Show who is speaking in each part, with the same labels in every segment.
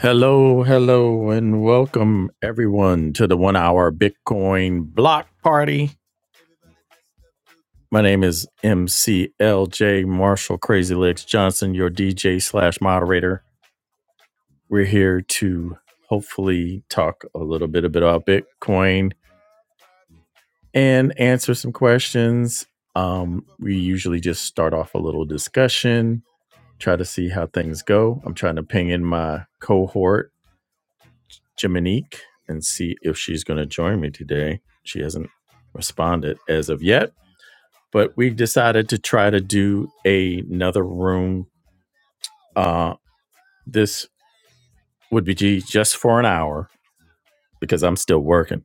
Speaker 1: Hello, hello, and welcome everyone to the one hour Bitcoin block party. My name is MCLJ Marshall Crazy Legs Johnson, your DJ slash moderator. We're here to hopefully talk a little bit about Bitcoin and answer some questions. Um, we usually just start off a little discussion, try to see how things go. I'm trying to ping in my cohort Jiminique and see if she's going to join me today. She hasn't responded as of yet, but we decided to try to do a- another room. Uh, this would be just for an hour because I'm still working,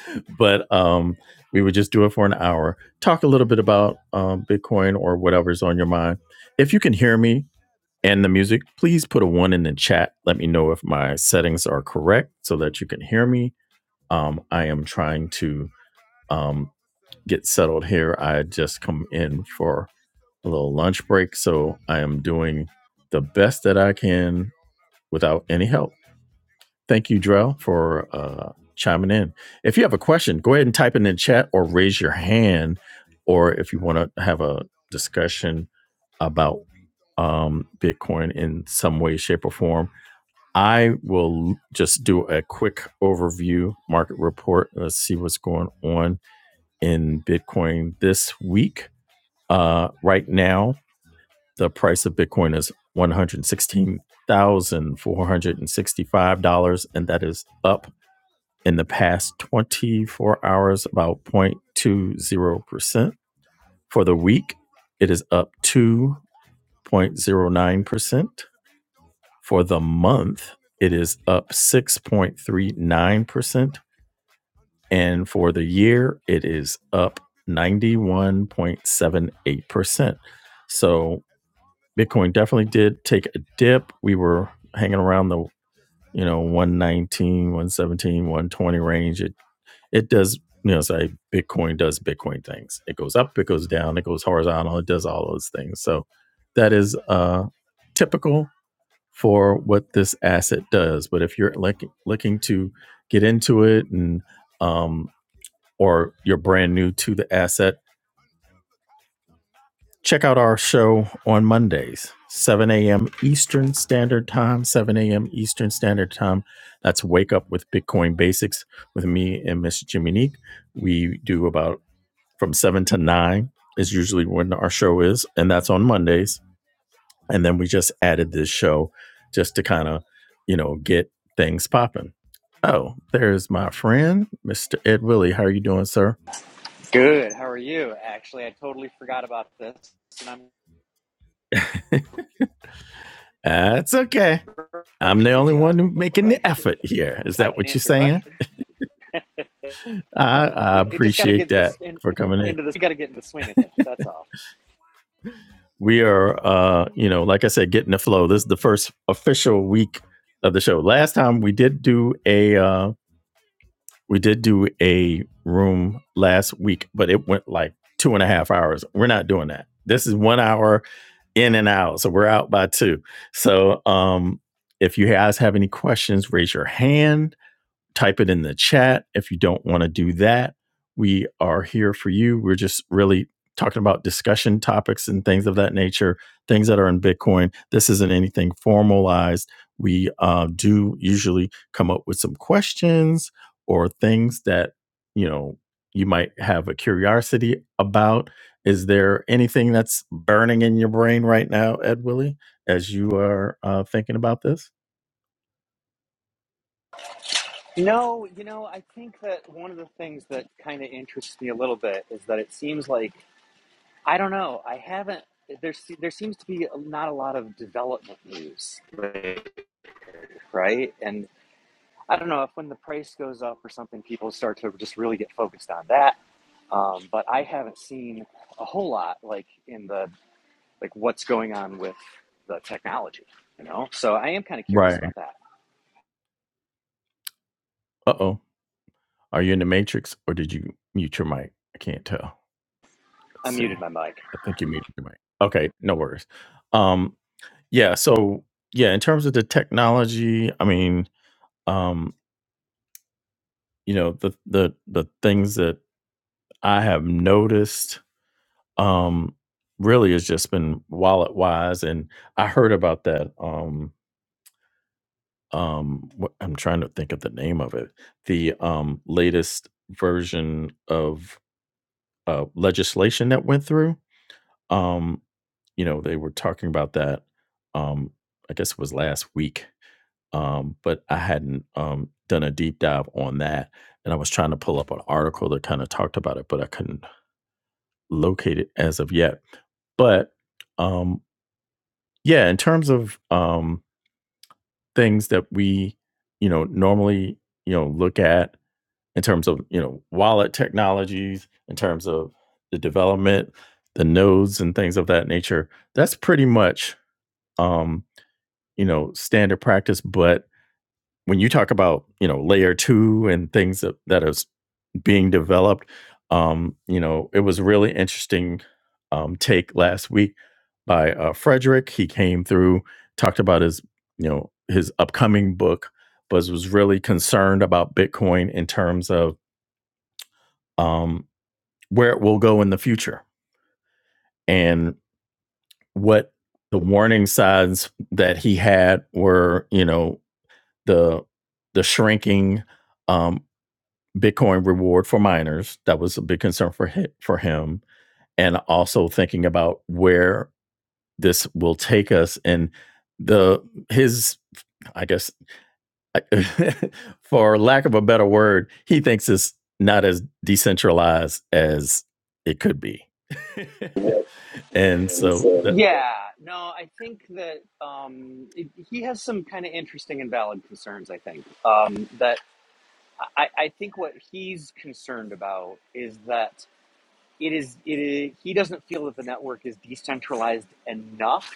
Speaker 1: but um, we would just do it for an hour. Talk a little bit about um, Bitcoin or whatever's on your mind. If you can hear me and the music, please put a one in the chat. Let me know if my settings are correct so that you can hear me. Um, I am trying to um, get settled here. I just come in for a little lunch break, so I am doing the best that I can without any help. Thank you, Drell, for uh, chiming in. If you have a question, go ahead and type it in the chat or raise your hand, or if you want to have a discussion about um, Bitcoin in some way, shape, or form. I will just do a quick overview market report. Let's see what's going on in Bitcoin this week. Uh, right now, the price of Bitcoin is $116,465, and that is up in the past 24 hours about 0.20%. For the week, it is up 2.09%. For the month, it is up 6.39%. And for the year, it is up 91.78%. So Bitcoin definitely did take a dip. We were hanging around the, you know, one nineteen, one seventeen, one twenty range. It it does, you know, say Bitcoin does Bitcoin things. It goes up, it goes down, it goes horizontal, it does all those things. So that is uh typical for what this asset does. But if you're looking looking to get into it and um or you're brand new to the asset, check out our show on Mondays, 7 a.m. Eastern Standard Time, 7 a.m. Eastern Standard Time. That's Wake Up with Bitcoin Basics with me and Miss Jiminique. We do about from 7 to 9 is usually when our show is, and that's on Mondays. And then we just added this show just to kind of, you know, get things popping. Oh, there's my friend, Mr. Ed Willie. How are you doing, sir?
Speaker 2: Good. How are you? Actually, I totally forgot about this, and I'm
Speaker 1: That's okay. I'm the
Speaker 2: grocery
Speaker 1: only one
Speaker 2: shopping,
Speaker 1: making
Speaker 2: but
Speaker 1: the effort here. Is
Speaker 2: I
Speaker 1: that
Speaker 2: can
Speaker 1: what you're
Speaker 2: answer
Speaker 1: saying?
Speaker 2: questions.
Speaker 1: I, I
Speaker 2: We, it just got to
Speaker 1: appreciate
Speaker 2: get this
Speaker 1: that
Speaker 2: in,
Speaker 1: for coming in.
Speaker 2: into this. You got to get in the swing of things. That's all.
Speaker 1: We are, uh, you know, like I said, getting the flow. This is the first official week of the show. Last time we did do a, uh, we did do a room last week, but it went like two and a half hours. We're not doing that. This is one hour in and out, so we're out by two. So, um, if you guys have any questions, raise your hand type it in the chat if you don't want to do that. We are here for you. We're just really talking about discussion topics and things of that nature, things that are in Bitcoin. This isn't anything formalized. We uh, do usually come up with some questions or things that, you know, you might have a curiosity about. Is there anything that's burning in your brain right now, Ed Willie, as you are uh, thinking about this?
Speaker 2: No, you know, I think that one of the things that kind of interests me a little bit is that it seems like I don't know. I haven't. There, there seems to be not a lot of development news, right? And I don't know if when the price goes up or something, people start to just really get focused on that Um, but I haven't seen a whole lot like in the like what's going on with the technology, you know. So I am kind of curious
Speaker 1: Right.
Speaker 2: about that.
Speaker 1: Uh oh. Are you in the matrix or did you mute your mic? I can't tell. Let's
Speaker 2: I
Speaker 1: see.
Speaker 2: muted my mic.
Speaker 1: I think you muted your mic. Okay, no worries. Um, yeah, so yeah, in terms of the technology, I mean, um, you know, the the the things that I have noticed um really has just been wallet wise and I heard about that um um what I'm trying to think of the name of it. The um latest version of uh legislation that went through Um, you know, they were talking about that. Um, I guess it was last week, um, but I hadn't um, done a deep dive on that. And I was trying to pull up an article that kind of talked about it, but I couldn't locate it as of yet. But um, yeah, in terms of um, things that we, you know, normally, you know, look at in terms of, you know, wallet technologies, in terms of the development, the nodes and things of that nature, that's pretty much um, you know standard practice but when you talk about you know layer two and things that, that is being developed um you know it was really interesting um take last week by uh frederick he came through talked about his you know his upcoming book but was really concerned about bitcoin in terms of um where it will go in the future and what the warning signs that he had were you know the the shrinking um, Bitcoin reward for miners. That was a big concern for hi- for him, and also thinking about where this will take us and the his I guess for lack of a better word, he thinks it's not as decentralized as it could be, and so
Speaker 2: so,
Speaker 1: that
Speaker 2: Yeah, no, I think that um, it, he has some kind of interesting and valid concerns. I think um, that I, I think what he's concerned about is that it is it is, he doesn't feel that the network is decentralized enough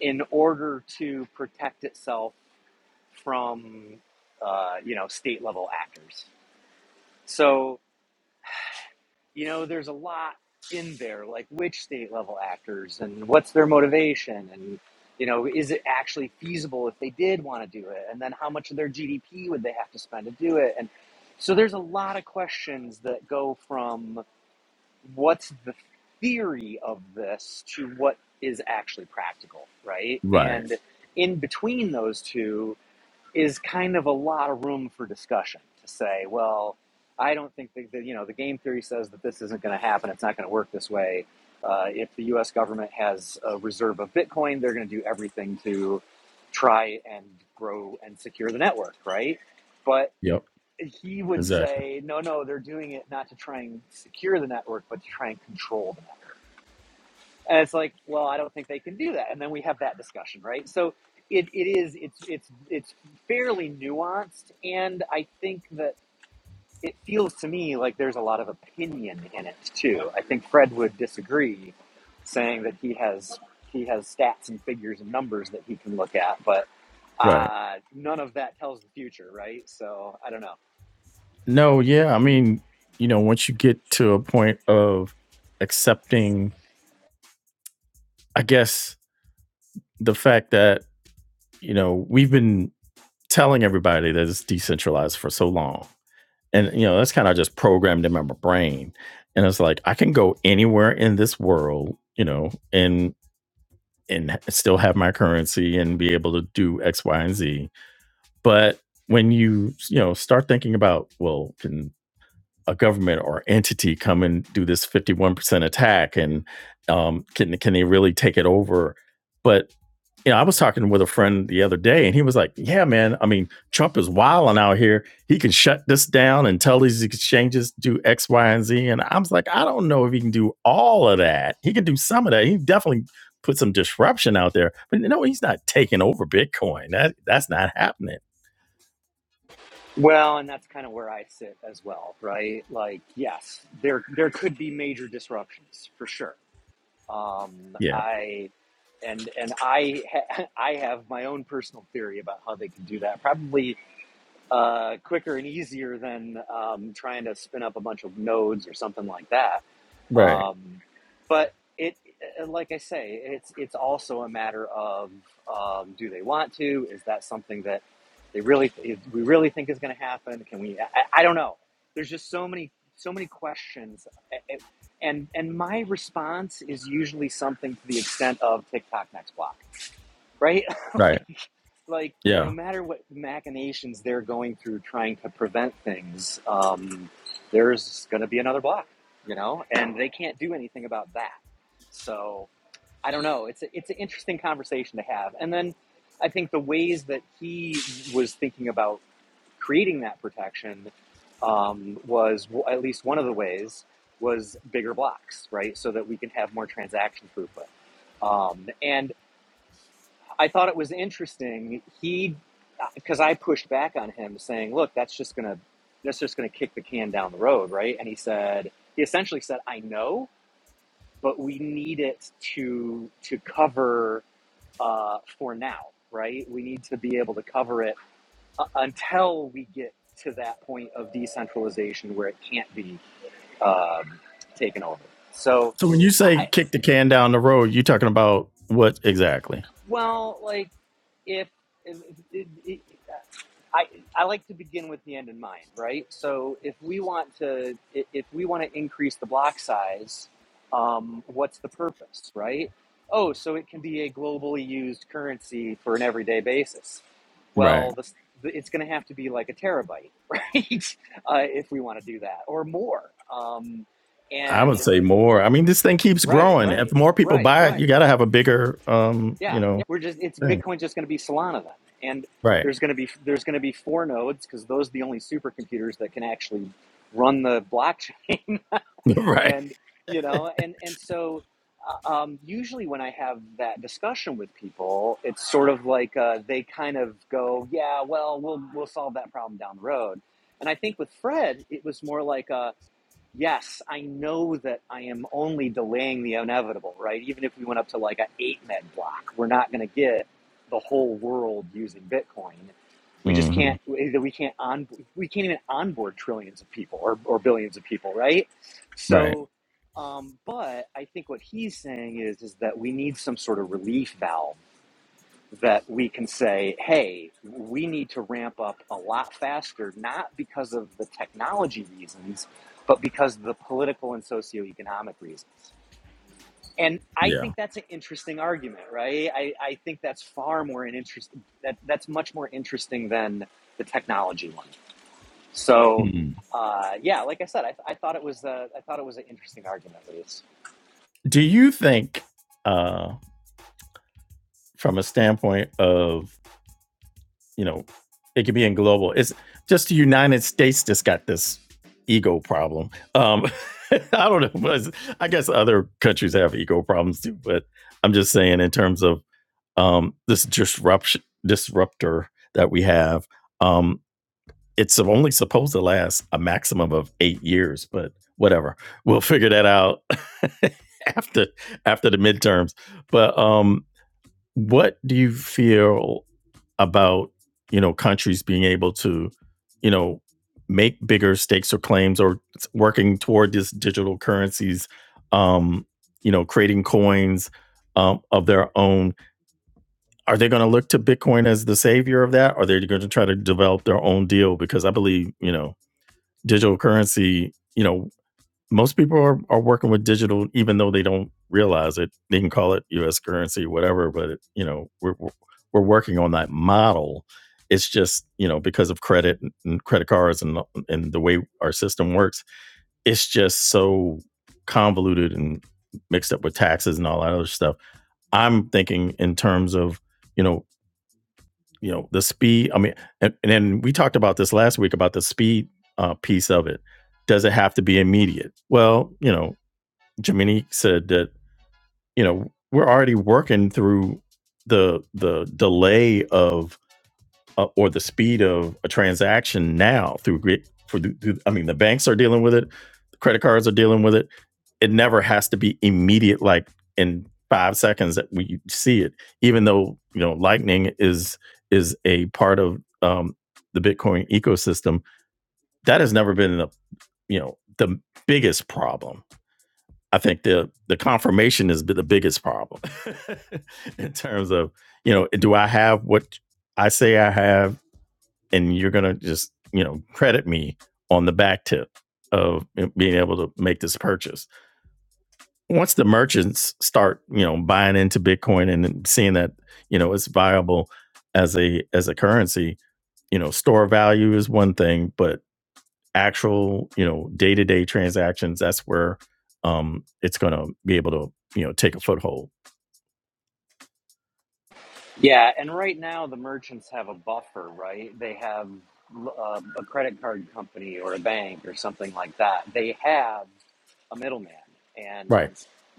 Speaker 2: in order to protect itself from uh, you know state level actors. So you know there's a lot in there, like which state level actors and what's their motivation, and you know is it actually feasible if they did want to do it, and then how much of their GDP would they have to spend to do it, and so there's a lot of questions that go from what's the theory of this to what is actually practical, right?
Speaker 1: right,
Speaker 2: And in between those two, is kind of a lot of room for discussion to say, well, I don't think that, that you know the game theory says that this isn't going to happen. It's not going to work this way. Uh, if the U.S. government has a reserve of Bitcoin, they're going to do everything to try and grow and secure the network, right? But
Speaker 1: yep,
Speaker 2: he would
Speaker 1: exactly,
Speaker 2: say, no, no, they're doing it not to try and secure the network, but to try and control the network and it's like, well, I don't think they can do that. And then we have that discussion, right? So it, it is it's it's it's fairly nuanced, and I think that it feels to me like there's a lot of opinion in it too. I think Fred would disagree, saying that he has he has stats and figures and numbers that he can look at, but
Speaker 1: right.
Speaker 2: uh, none of that tells the future, right? So I don't know.
Speaker 1: No, yeah. I mean, you know, once you get to a point of accepting, I guess, the fact that, you know, we've been telling everybody that it's decentralized for so long. And, you know, that's kind of just programmed in my brain. And it's like, I can go anywhere in this world, you know, and, and still have my currency and be able to do X, Y, and Z. But when you, you know, start thinking about, well, can a government or entity come and do this 51% attack and um, can can they really take it over but you know i was talking with a friend the other day and he was like yeah man i mean trump is wilding out here he can shut this down and tell these exchanges do x y and z and i was like i don't know if he can do all of that he can do some of that he definitely put some disruption out there but no he's not taking over bitcoin that that's not happening
Speaker 2: Well, and that's kind of where I sit as well, right? Like, yes, there there could be major disruptions for sure Um,
Speaker 1: yeah
Speaker 2: I and and I ha- I have my own personal theory about how they can do that. Probably uh, quicker and easier than um, trying to spin up a bunch of nodes or something like that
Speaker 1: right
Speaker 2: um, but it, like I say, it's it's also a matter of um, do they want to? Is that something that they really we really think is going to happen? Can we? I, I don't know. There's just so many so many questions, and and my response is usually something to the extent of TikTok next block, right?
Speaker 1: right
Speaker 2: Like, like
Speaker 1: yeah
Speaker 2: no matter what machinations they're going through trying to prevent things, um, there's going to be another block, you know, and they can't do anything about that. So I don't know. It's a, it's an interesting conversation to have. And then I think the ways that he was thinking about creating that protection um, was well, at least one of the ways was bigger blocks, right? So that we can have more transaction throughput. Um, and I thought it was interesting. He, because I pushed back on him, saying, "Look, that's just gonna, that's just gonna kick the can down the road, right?" And he said, he essentially said, "I know, but we need it to to cover uh, for now, right? We need to be able to cover it uh, until we get to that point of decentralization where it can't be um, taken over." So,
Speaker 1: So when you say
Speaker 2: I,
Speaker 1: kick the can down the road, you talking about what exactly?
Speaker 2: well, like if if, if, I, I like to begin with the end in mind, right? So if we want to if we want to increase the block size, um, what's the purpose, right? Oh, so it can be a globally used currency for an everyday basis.
Speaker 1: Right.
Speaker 2: Well, this, it's going to have to be like a terabyte, right? Uh, if we want to do that or more. Um,
Speaker 1: I would
Speaker 2: and
Speaker 1: say more. I mean, this thing keeps
Speaker 2: right,
Speaker 1: growing. Right. If more people
Speaker 2: right.
Speaker 1: buy it, Right. you got to have a bigger, um,
Speaker 2: Yeah,
Speaker 1: you know,
Speaker 2: we're just it's
Speaker 1: yeah. thing.
Speaker 2: Bitcoin's just going to be Solana then, and
Speaker 1: Right.
Speaker 2: there's going to be there's going to be four nodes because those are the only supercomputers that can actually run the blockchain,
Speaker 1: right.
Speaker 2: and you know, and and so. uh, Um, usually, when I have that discussion with people, it's sort of like uh, they kind of go, "Yeah, well, we'll we'll solve that problem down the road." And I think with Fred, it was more like, a yes, I know that I am only delaying the inevitable, right? Even if we went up to like an eight med block, we're not going to get the whole world using Bitcoin. We just
Speaker 1: hmm
Speaker 2: can't. We can't on. We can't even onboard trillions of people or, or billions of people, right?
Speaker 1: Right.
Speaker 2: So, um, but I think what he's saying is is that we need some sort of relief valve that we can say, hey, we need to ramp up a lot faster, not because of the technology reasons, but because of the political and socioeconomic reasons. And I
Speaker 1: Yeah.
Speaker 2: think that's an interesting argument, right? I, I think that's far more an interest that that's much more interesting than the technology one. So,
Speaker 1: Mm-hmm.
Speaker 2: uh, yeah, like I said, I, I thought it was a, I thought it was an interesting argument, Luis.
Speaker 1: Do you think, uh, from a standpoint of you know, it could be in global. It's just the United States that's got this ego problem. Um, I don't know. I guess other countries have ego problems too, but I'm just saying in terms of um, this disruption disruptor that we have, um, it's only supposed to last a maximum of eight years, but whatever. We'll figure that out after after the midterms. But um, what do you feel about you know countries being able to you know make bigger stakes or claims or working toward these digital currencies um you know creating coins um, of their own are they going to look to bitcoin as the savior of that or are they going to try to develop their own deal because i believe you know digital currency you know most people are, are working with digital even though they don't realize it they can call it us currency whatever but it, you know we're, we're working on that model it's just you know because of credit and credit cards and and the way our system works it's just so convoluted and mixed up with taxes and all that other stuff i'm thinking in terms of you know you know the speed i mean and, and then we talked about this last week about the speed uh, piece of it does it have to be immediate well you know Jamini said that you know we're already working through the the delay of uh, or the speed of a transaction now through grid- for the- through, I mean the banks are dealing with it, the credit cards are dealing with it. It never has to be immediate, like in five seconds that we see it. Even though you know Lightning is is a part of um, the Bitcoin ecosystem, that has never been the you know the biggest problem I think the the confirmation is the biggest problem in terms of you know do I have what I say I have, and you're gonna just you know credit me on the back tip of being able to make this purchase. Once the merchants start you know buying into Bitcoin and seeing that you know it's viable as a as a currency, you know store value is one thing, but actual you know day to day transactions, that's where um, it's going to be able to you know take a foothold.
Speaker 2: Yeah, and right now the merchants have a buffer, right? They have uh, a credit card company or a bank or something like that. They have a middleman, and
Speaker 1: Right.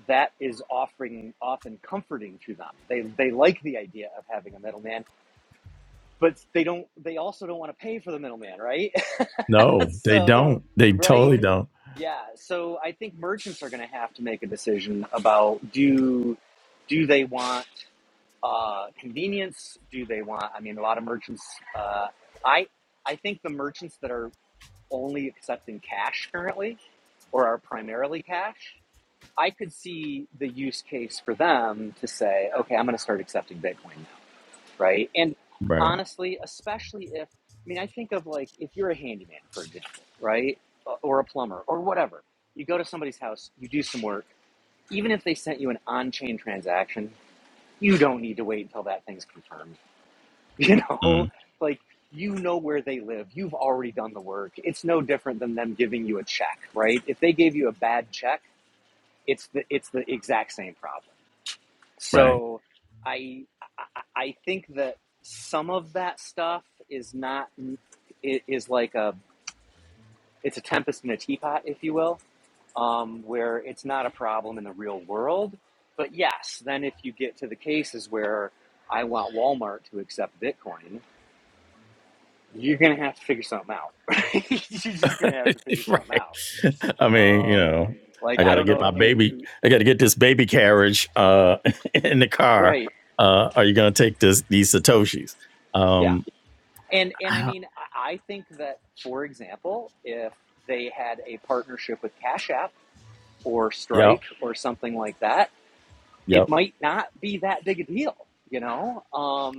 Speaker 2: that is offering often comforting to them. They they like the idea of having a middleman, but they don't. They also don't want to pay for the middleman, right?
Speaker 1: No, they
Speaker 2: so
Speaker 1: don't. They
Speaker 2: right,
Speaker 1: totally don't.
Speaker 2: yeah. So I think merchants are going to have to make a decision about do do they want uh, convenience do they want? I mean, a lot of merchants. Uh, I I think the merchants that are only accepting cash currently, or are primarily cash, I could see the use case for them to say, okay, I'm going to start accepting Bitcoin now, right? And
Speaker 1: Right.
Speaker 2: honestly, especially if I mean, I think of like if you're a handyman, for example, right, or a plumber or whatever. You go to somebody's house, you do some work. Even if they sent you an on-chain transaction, you don't need to wait until that thing's confirmed You know,
Speaker 1: Mm,
Speaker 2: like you know where they live. You've already done the work. It's no different than them giving you a check, right? If they gave you a bad check, it's the it's the exact same problem.
Speaker 1: right.
Speaker 2: So, I I think that some of that stuff is not is like a it's a tempest in a teapot, if you will, um, where it's not a problem in the real world. But yes, then if you get to the cases where I want Walmart to accept Bitcoin, you're gonna have to figure something out. Right? you're just gonna have to figure something
Speaker 1: right.
Speaker 2: out.
Speaker 1: I mean, you
Speaker 2: Um,
Speaker 1: know, I
Speaker 2: like I
Speaker 1: got to
Speaker 2: don't
Speaker 1: get
Speaker 2: know if
Speaker 1: my
Speaker 2: you
Speaker 1: baby. I got to get this baby carriage uh, in the car.
Speaker 2: right,
Speaker 1: Uh, are you going to take this these satoshis?
Speaker 2: yeah,
Speaker 1: Um,
Speaker 2: and and I mean I I think that for example, if they had a partnership with Cash App or
Speaker 1: yep.
Speaker 2: Strike or something like that, it
Speaker 1: Yep.
Speaker 2: might not be that big a deal. You know,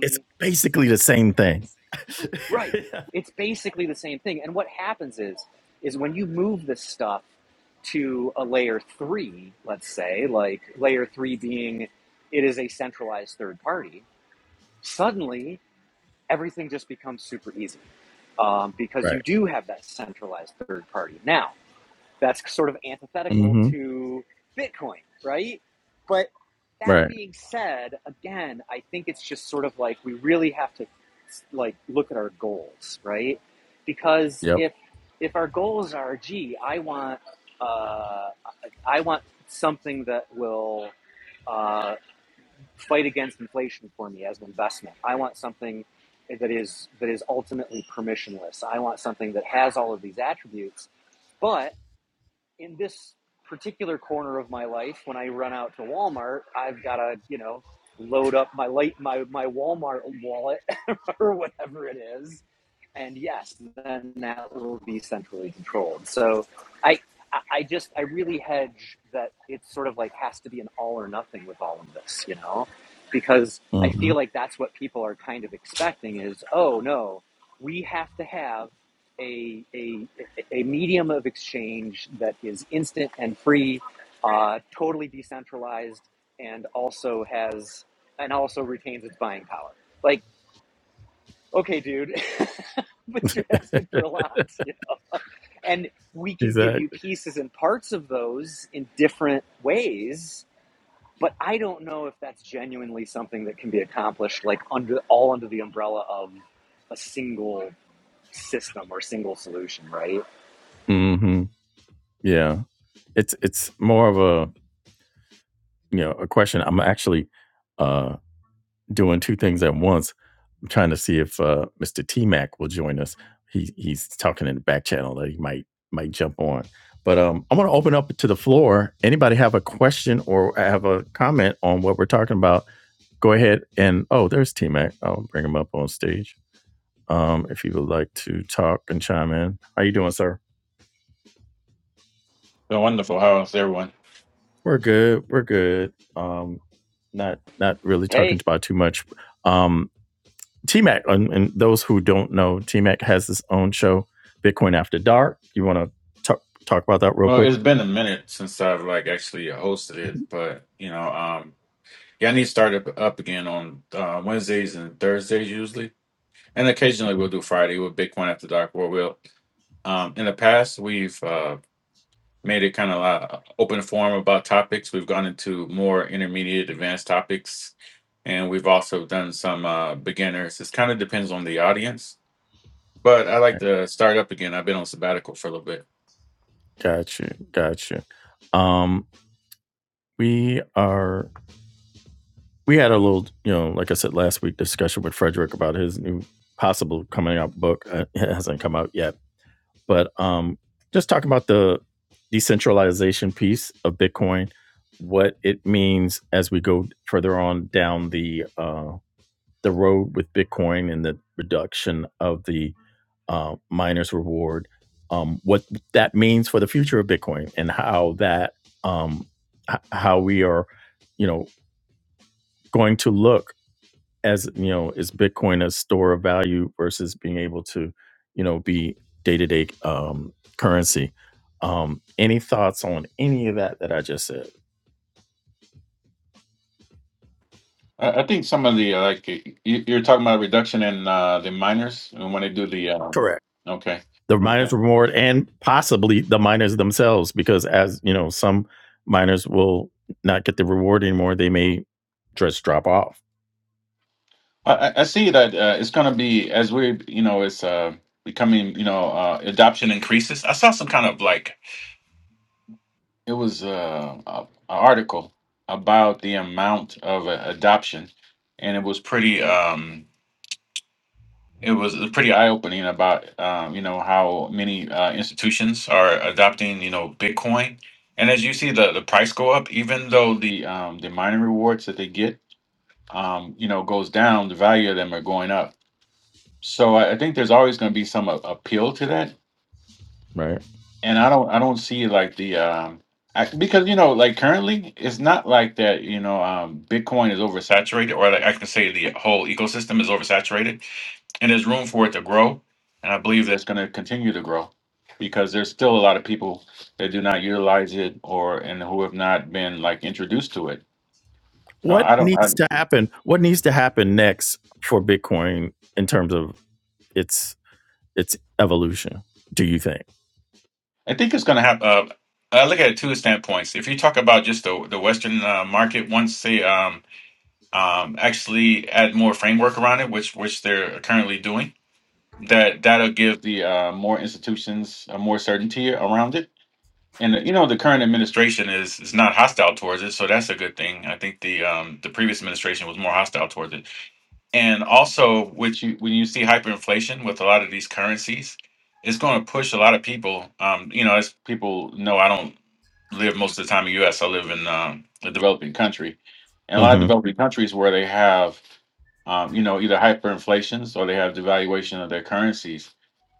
Speaker 1: It's basically the same thing.
Speaker 2: Right. It's basically the same thing. And what happens is, is when you move this stuff to a layer three, let's say, like layer three being it is a centralized third party, suddenly everything just becomes super easy um, because
Speaker 1: right.
Speaker 2: you do have that centralized third party now that's sort of antithetical
Speaker 1: hmm
Speaker 2: to Bitcoin, right? But that
Speaker 1: Right.
Speaker 2: being said, again, I think it's just sort of like we really have to like look at our goals, right? Because
Speaker 1: Yep.
Speaker 2: if if our goals are, gee, I want uh, I want something that will uh, fight against inflation for me as an investment. I want something that is that is ultimately permissionless. I want something that has all of these attributes, but in this particular corner of my life, when I run out to Walmart, I've got to, you know, load up my light, my, my Walmart wallet or whatever it is. And yes, then that will be centrally controlled. So I, I just, I really hedge that it's sort of like has to be an all or nothing with all of this, you know, because I
Speaker 1: hmm
Speaker 2: feel like that's what people are kind of expecting is, oh no, we have to have a, a, a medium of exchange that is instant and free, uh, totally decentralized, and also has and also retains its buying power. Like, okay, dude, but you're asking for a lot, and we can give
Speaker 1: Exactly.
Speaker 2: you pieces and parts of those in different ways. But I don't know if that's genuinely something that can be accomplished, like under all under the umbrella of a single system or single solution, right?
Speaker 1: hmm Yeah. It's it's more of a you know a question. I'm actually uh, doing two things at once. I'm trying to see if uh, Mr. T Mac will join us. He he's talking in the back channel that he might might jump on. But um, I want to open up to the floor. Anybody have a question or have a comment on what we're talking about? Go ahead and oh, there's T Mac. I'll bring him up on stage um, if he would like to talk and chime in. How you doing, sir?
Speaker 3: So wonderful. How's everyone?
Speaker 1: We're good. We're good. Um, not not really talking
Speaker 2: hey,
Speaker 1: about too much. Um, T Mac, and, and those who don't know, T Mac has his own show, Bitcoin After Dark. You want to talk talk about that real
Speaker 3: Well,
Speaker 1: quick?
Speaker 3: it's been a minute since I've like actually hosted it, but you know, um, yeah, I need to start up, up again on uh, Wednesdays and Thursdays usually, and occasionally we'll do Friday with Bitcoin after dark. Where we'll, um, in the past we've uh, made it kind of uh, open forum about topics. We've gone into more intermediate, advanced topics, and we've also done some uh, beginners. It kind of depends on the audience, but I like to start up again. I've been on sabbatical for a little bit.
Speaker 1: Got you. Got you. Um, we are. We had a little, you know, like I said last week, discussion with Frederick about his new possible coming out book. Uh, it hasn't come out yet, but um, just talking about the decentralization piece of Bitcoin, what it means as we go further on down the uh, the road with Bitcoin and the reduction of the uh, miners' reward, um, what that means for the future of Bitcoin and how that um, h- how we are, you know, going to look as you know is bitcoin a store of value versus being able to you know be day-to-day um, currency um, any thoughts on any of that that i just said
Speaker 3: I, I think some of the uh, like y- you, you're talking about reduction in uh, the miners and when they do the uh,
Speaker 1: Correct.
Speaker 3: okay.
Speaker 1: the miners reward and possibly the miners themselves because as you know some miners will not get the reward anymore they may just drop off
Speaker 3: I, I I see that uh, it's going to be as we you know it's uh, becoming you know uh, adoption increases. I saw some kind of like it was uh, a, a article about the amount of uh, adoption, and it was pretty. Um, it was pretty eye opening about um, you know how many uh, institutions are adopting you know Bitcoin, and as you see the the price go up, even though the um, the mining rewards that they get um, you know goes down, the value of them are going up. So I, I think there's always going to be some a- appeal to that,
Speaker 1: right
Speaker 3: and I don't I don't see like the um, I, because you know like currently it's not like that you know um, Bitcoin is oversaturated or like I can say the whole ecosystem is oversaturated and there's room for it to grow. And I believe that's going to continue to grow because there's still a lot of people that do not utilize it or and who have not been like introduced to it. So
Speaker 1: what
Speaker 3: I don't. I,
Speaker 1: needs to happen what needs to happen next for bitcoin in terms of its its evolution do you think
Speaker 3: I think it's going to have. Uh, I look at it two standpoints. If you talk about just the the Western uh, market, once they um, um, actually add more framework around it, which which they're currently doing, that that'll give the uh, more institutions uh, more certainty around it and you know the current administration is is not hostile towards it so that's a good thing i think the um the previous administration was more hostile towards it and also which you when you see hyperinflation with a lot of these currencies it's going to push a lot of people um you know as people know i don't live most of the time in the us i live in um, a developing country and a lot of
Speaker 1: hmm
Speaker 3: developing countries where they have um, you know either hyperinflations or they have devaluation of their currencies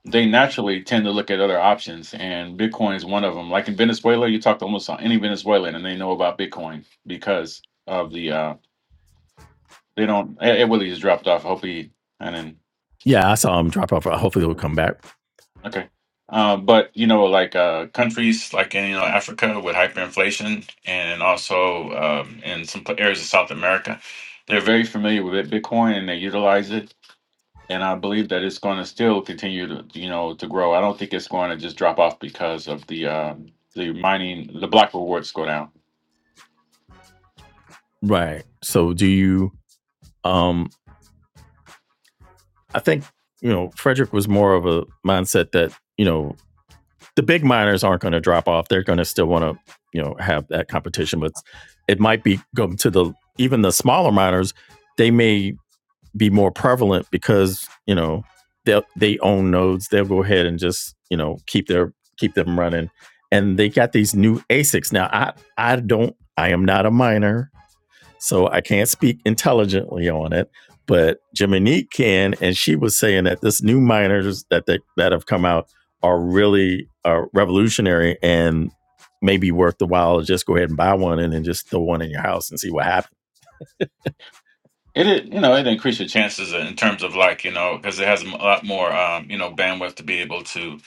Speaker 3: they naturally tend to look at other options, and Bitcoin is one of them. Like in Venezuela, you talk to almost any Venezuelan, and they know about Bitcoin because of the uh, they don't. It it really just dropped off. Hopefully, and
Speaker 1: Yeah, I saw him drop off.
Speaker 3: then
Speaker 1: Hopefully he'll come back.
Speaker 3: okay. Uh, but you know, like uh, countries like in you know Africa with hyperinflation, and also um, in some pl- areas of South America, they're very familiar with it, Bitcoin, and they utilize it and I believe that it's going to still continue to you know to grow. I don't think it's going to just drop off because of the um, the mining the block rewards go down.
Speaker 1: Right. So do you um I think, you know, Frederick was more of a mindset that, you know, the big miners aren't gonna drop off. They're gonna still wanna, you know, have that competition, but it might be going to the even the smaller miners, they may be more prevalent because, you know, they they own nodes. They'll go ahead and just, you know, keep their keep them running. And they got these new ASICs. Now I I don't I am not a miner. so I can't speak intelligently on it. But Jiminique can, and she was saying that this new miners that they, that have come out are really uh, revolutionary and maybe worth the while to just go ahead and buy one and then just throw one in your house and see what happens.
Speaker 3: It it- you know it increases your chances in terms of like you know because it has a lot more um, you know bandwidth to be able to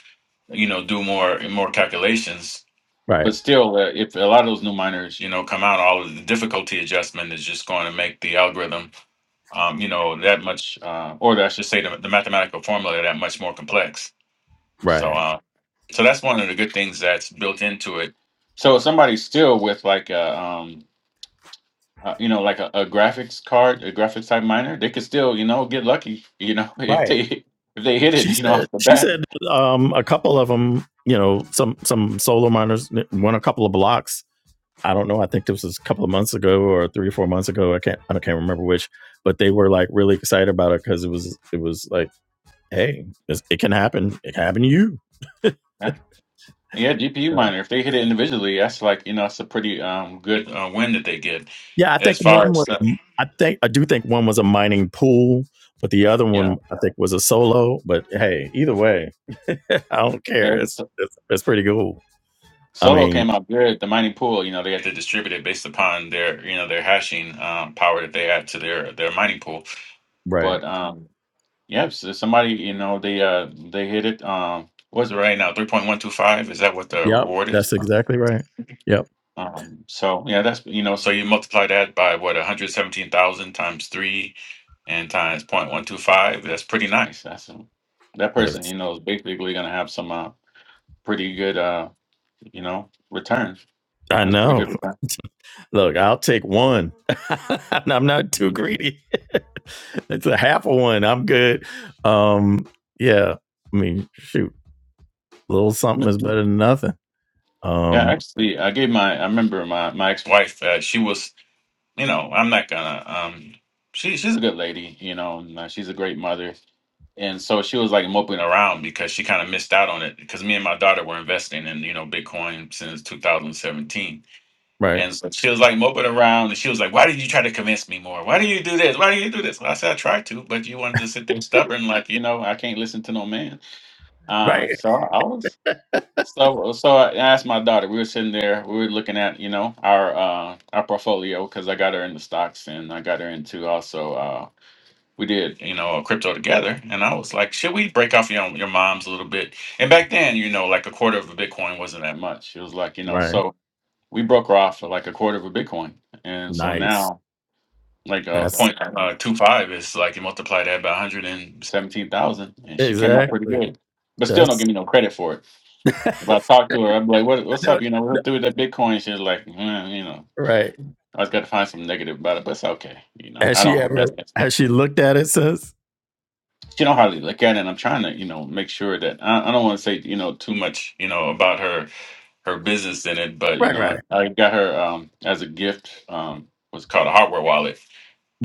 Speaker 3: you know do more more calculations.
Speaker 1: Right,
Speaker 3: But still, uh, if a lot of those new miners you know come out, all of the difficulty adjustment is just going to make the algorithm um, you know that much uh, or I should say the, the mathematical formula that much more complex. So.
Speaker 1: right.
Speaker 3: Um, So that's one of the good things that's built into it. So if somebody's still with like a, um, uh, you know, like a, a graphics card, a graphics type miner, they could still, you know, get lucky, you know, if
Speaker 1: Right.
Speaker 3: they if they hit
Speaker 1: She
Speaker 3: it, you know,
Speaker 1: said
Speaker 3: off the
Speaker 1: she
Speaker 3: bat.
Speaker 1: said um, a couple of them, you know, some some solar miners won a couple of blocks I don't know. I think this was a couple of months ago or three or four months ago. I can't I can't remember which, but they were like really excited about it because it was it was like, hey, it can happen. It can happen to you.
Speaker 3: Yeah, yeah GPU
Speaker 1: you
Speaker 3: miner, if they hit it individually, that's like, you know, it's a pretty um good uh, win that they get.
Speaker 1: Yeah, I
Speaker 3: As
Speaker 1: think
Speaker 3: far
Speaker 1: one was
Speaker 3: as uh,
Speaker 1: I think I do think one was a mining pool, but the other
Speaker 3: yeah,
Speaker 1: one I think was a solo. But hey, either way, I don't care.
Speaker 3: and the
Speaker 1: It's
Speaker 3: so-
Speaker 1: it's, it's pretty cool. I
Speaker 3: solo
Speaker 1: mean,
Speaker 3: came out good. The mining pool, you know, they had to distribute it based upon their, you know, their hashing um, power that they had to their their mining pool. But
Speaker 1: right?
Speaker 3: um, Yep. So somebody, you know, they uh they hit it. Um, what's it right now? Three point one two five. Is that what the
Speaker 1: Yep,
Speaker 3: reward
Speaker 1: that's
Speaker 3: is?
Speaker 1: exactly right. Yep.
Speaker 3: Um, so yeah, that's you know, so you multiply that by what one hundred seventeen thousand times three and times point one two five. That's pretty nice. That's um, that person,
Speaker 1: That's,
Speaker 3: you know, is basically gonna have some uh pretty good uh you know return.
Speaker 1: I
Speaker 3: That's pretty good
Speaker 1: know.
Speaker 3: return.
Speaker 1: Look, I'll take one. I'm not too greedy. it's a half a one. I'm good. Um, yeah. I mean, shoot, a little something
Speaker 3: Mhm.
Speaker 1: is better than nothing.
Speaker 3: Yeah,
Speaker 1: Um,
Speaker 3: actually, I gave my. I remember my my ex wife. Uh, she was. you know, I'm not gonna. Um, she she's a good lady, you know. And, uh, she's a great mother, and so she was like moping around because she kind of missed out on it because me and my daughter were investing in you know Bitcoin since 2017,
Speaker 1: right,
Speaker 3: and so she was like moping around, and she was like, "Why did you try to convince me more? Why do you do this? Why do you do this?" Well, I said, "I tried to, but you wanted to sit there stubborn, like you know, I can't listen to no man."
Speaker 1: right,
Speaker 3: Um, so I was. So, so I asked my daughter. We were sitting there. We were looking at, you know, our uh our portfolio because I got her into stocks and I got her into also uh we did, you know, crypto together. And I was like, should we break off your your mom's a little bit? And back then, you know, like a quarter of a Bitcoin wasn't that much. It was like, you know,
Speaker 1: right.
Speaker 3: so we broke her off for like a quarter of a Bitcoin. And so
Speaker 1: Nice.
Speaker 3: now, like a
Speaker 1: That's
Speaker 3: point uh, two five is like you multiply that by one hundred and seventeen thousand, and she came out pretty
Speaker 1: exactly.
Speaker 3: good. But still, don't
Speaker 1: That's
Speaker 3: give me no credit for it if I talk to her, I'm like, what, what's
Speaker 1: no,
Speaker 3: up? You know, we're
Speaker 1: no,
Speaker 3: through that Bitcoin shit. Like, mm, you know,
Speaker 1: right.
Speaker 3: I just got to find some negative about it, but it's okay. You know,
Speaker 1: Has
Speaker 3: I don't
Speaker 1: she
Speaker 3: hold that
Speaker 1: ever?
Speaker 3: against her.
Speaker 1: Has she looked at it since?
Speaker 3: She don't hardly look at it. And I'm trying to, you know, make sure that I, I don't want to say, you know, too much, you know, about her her business in it. But you
Speaker 1: Right,
Speaker 3: know, I,
Speaker 1: right,
Speaker 3: I got her um as a gift um what's called a hardware wallet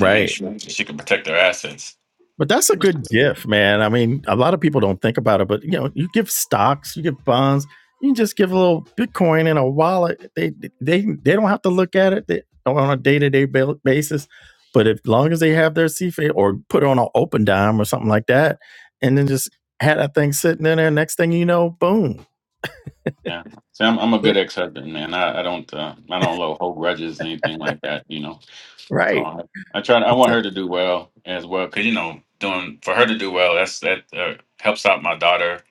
Speaker 3: to make sure that she can protect her assets.
Speaker 1: But that's a good gift, man. I mean, a lot of people don't think about it, but you know, you give stocks, you give bonds, you can just give a little Bitcoin in a wallet. They they they don't have to look at it they- on a day to day basis. But as long as they have their CFA or put it on an open dime or something like that, and then just had that thing sitting in there, next thing you know, boom,
Speaker 3: Yeah, see, I'm, I'm a good ex-husband, man. I, I don't uh, I don't hold grudges or anything like that. You know, So
Speaker 1: right?
Speaker 3: I, I try. I
Speaker 1: It's
Speaker 3: want
Speaker 1: a-
Speaker 3: her to do well as well, because you know, doing for her to do well, that's that uh, helps out my daughter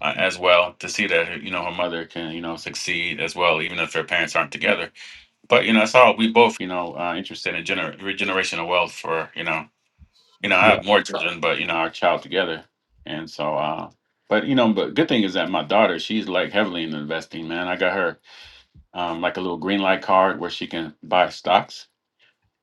Speaker 3: uh, as well to see that her- you know her mother can you know succeed as well, even if their parents aren't together. But you know, that's all we both you know uh, interested in gener- regeneration of wealth for you know you know I
Speaker 1: yeah,
Speaker 3: have more children, but you know our child together, and so. uh but you know, but good thing is that my daughter, she's like heavily in investing, man. I got her um, like a little green light card where she can buy stocks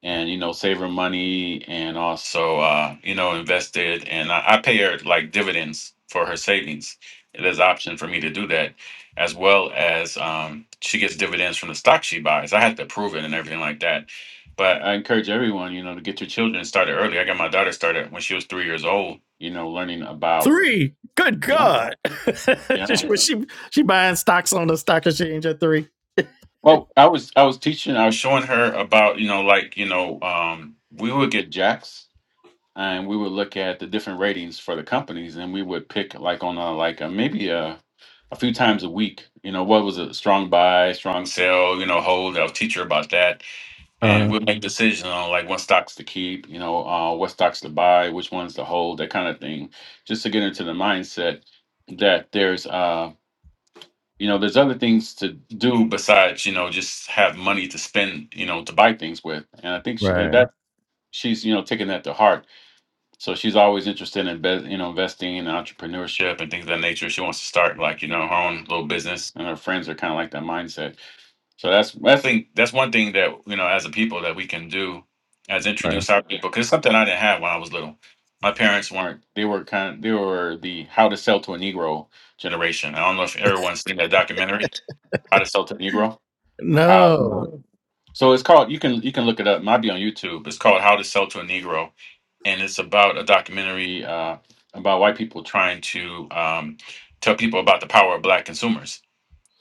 Speaker 3: and you know saving money and also uh you know invested and I, I pay her like dividends for her savings there's an option for me to do that as well as um she gets dividends from the stock she buys i have to approve it and everything like that but i encourage everyone you know to get your children started early i got my daughter started when she was three years old you know learning about
Speaker 1: three. Good
Speaker 3: yeah
Speaker 1: God, she,
Speaker 3: yeah
Speaker 1: she she buying stocks on the stock exchange at three.
Speaker 3: well i was i was teaching i was showing her about you know like you know um we would get jacks and we would look at the different ratings for the companies and we would pick like on a like a, maybe a a few times a week you know what was a strong buy strong sell you know hold i'll teach her about that and
Speaker 1: Uh,
Speaker 3: we'll make decisions on like what stocks to keep you know uh, what stocks to buy which ones to hold that kind of thing just to get into the mindset that there's uh you know there's other things to do besides you know just have money to spend you know to buy things with and i think she,
Speaker 1: right,
Speaker 3: that she's you know taking that to heart so she's always interested in be- you know investing in entrepreneurship and things of that nature. She wants to start like you know her own little business, and her friends are kind of like that mindset. So that's I think that's one thing that you know as a people that we can do as
Speaker 1: right.
Speaker 3: introduce our people because it's something I didn't have when I was little. My parents weren't. They were kind. Of, they were the how to sell to a Negro generation. I don't know if everyone's seen that documentary, How to Sell to a Negro how?
Speaker 1: No.
Speaker 3: No. So it's called. You can you can look it up. It might be on YouTube. It's called How to Sell to a Negro, and it's about a documentary uh, about white people trying to um, tell people about the power of black consumers,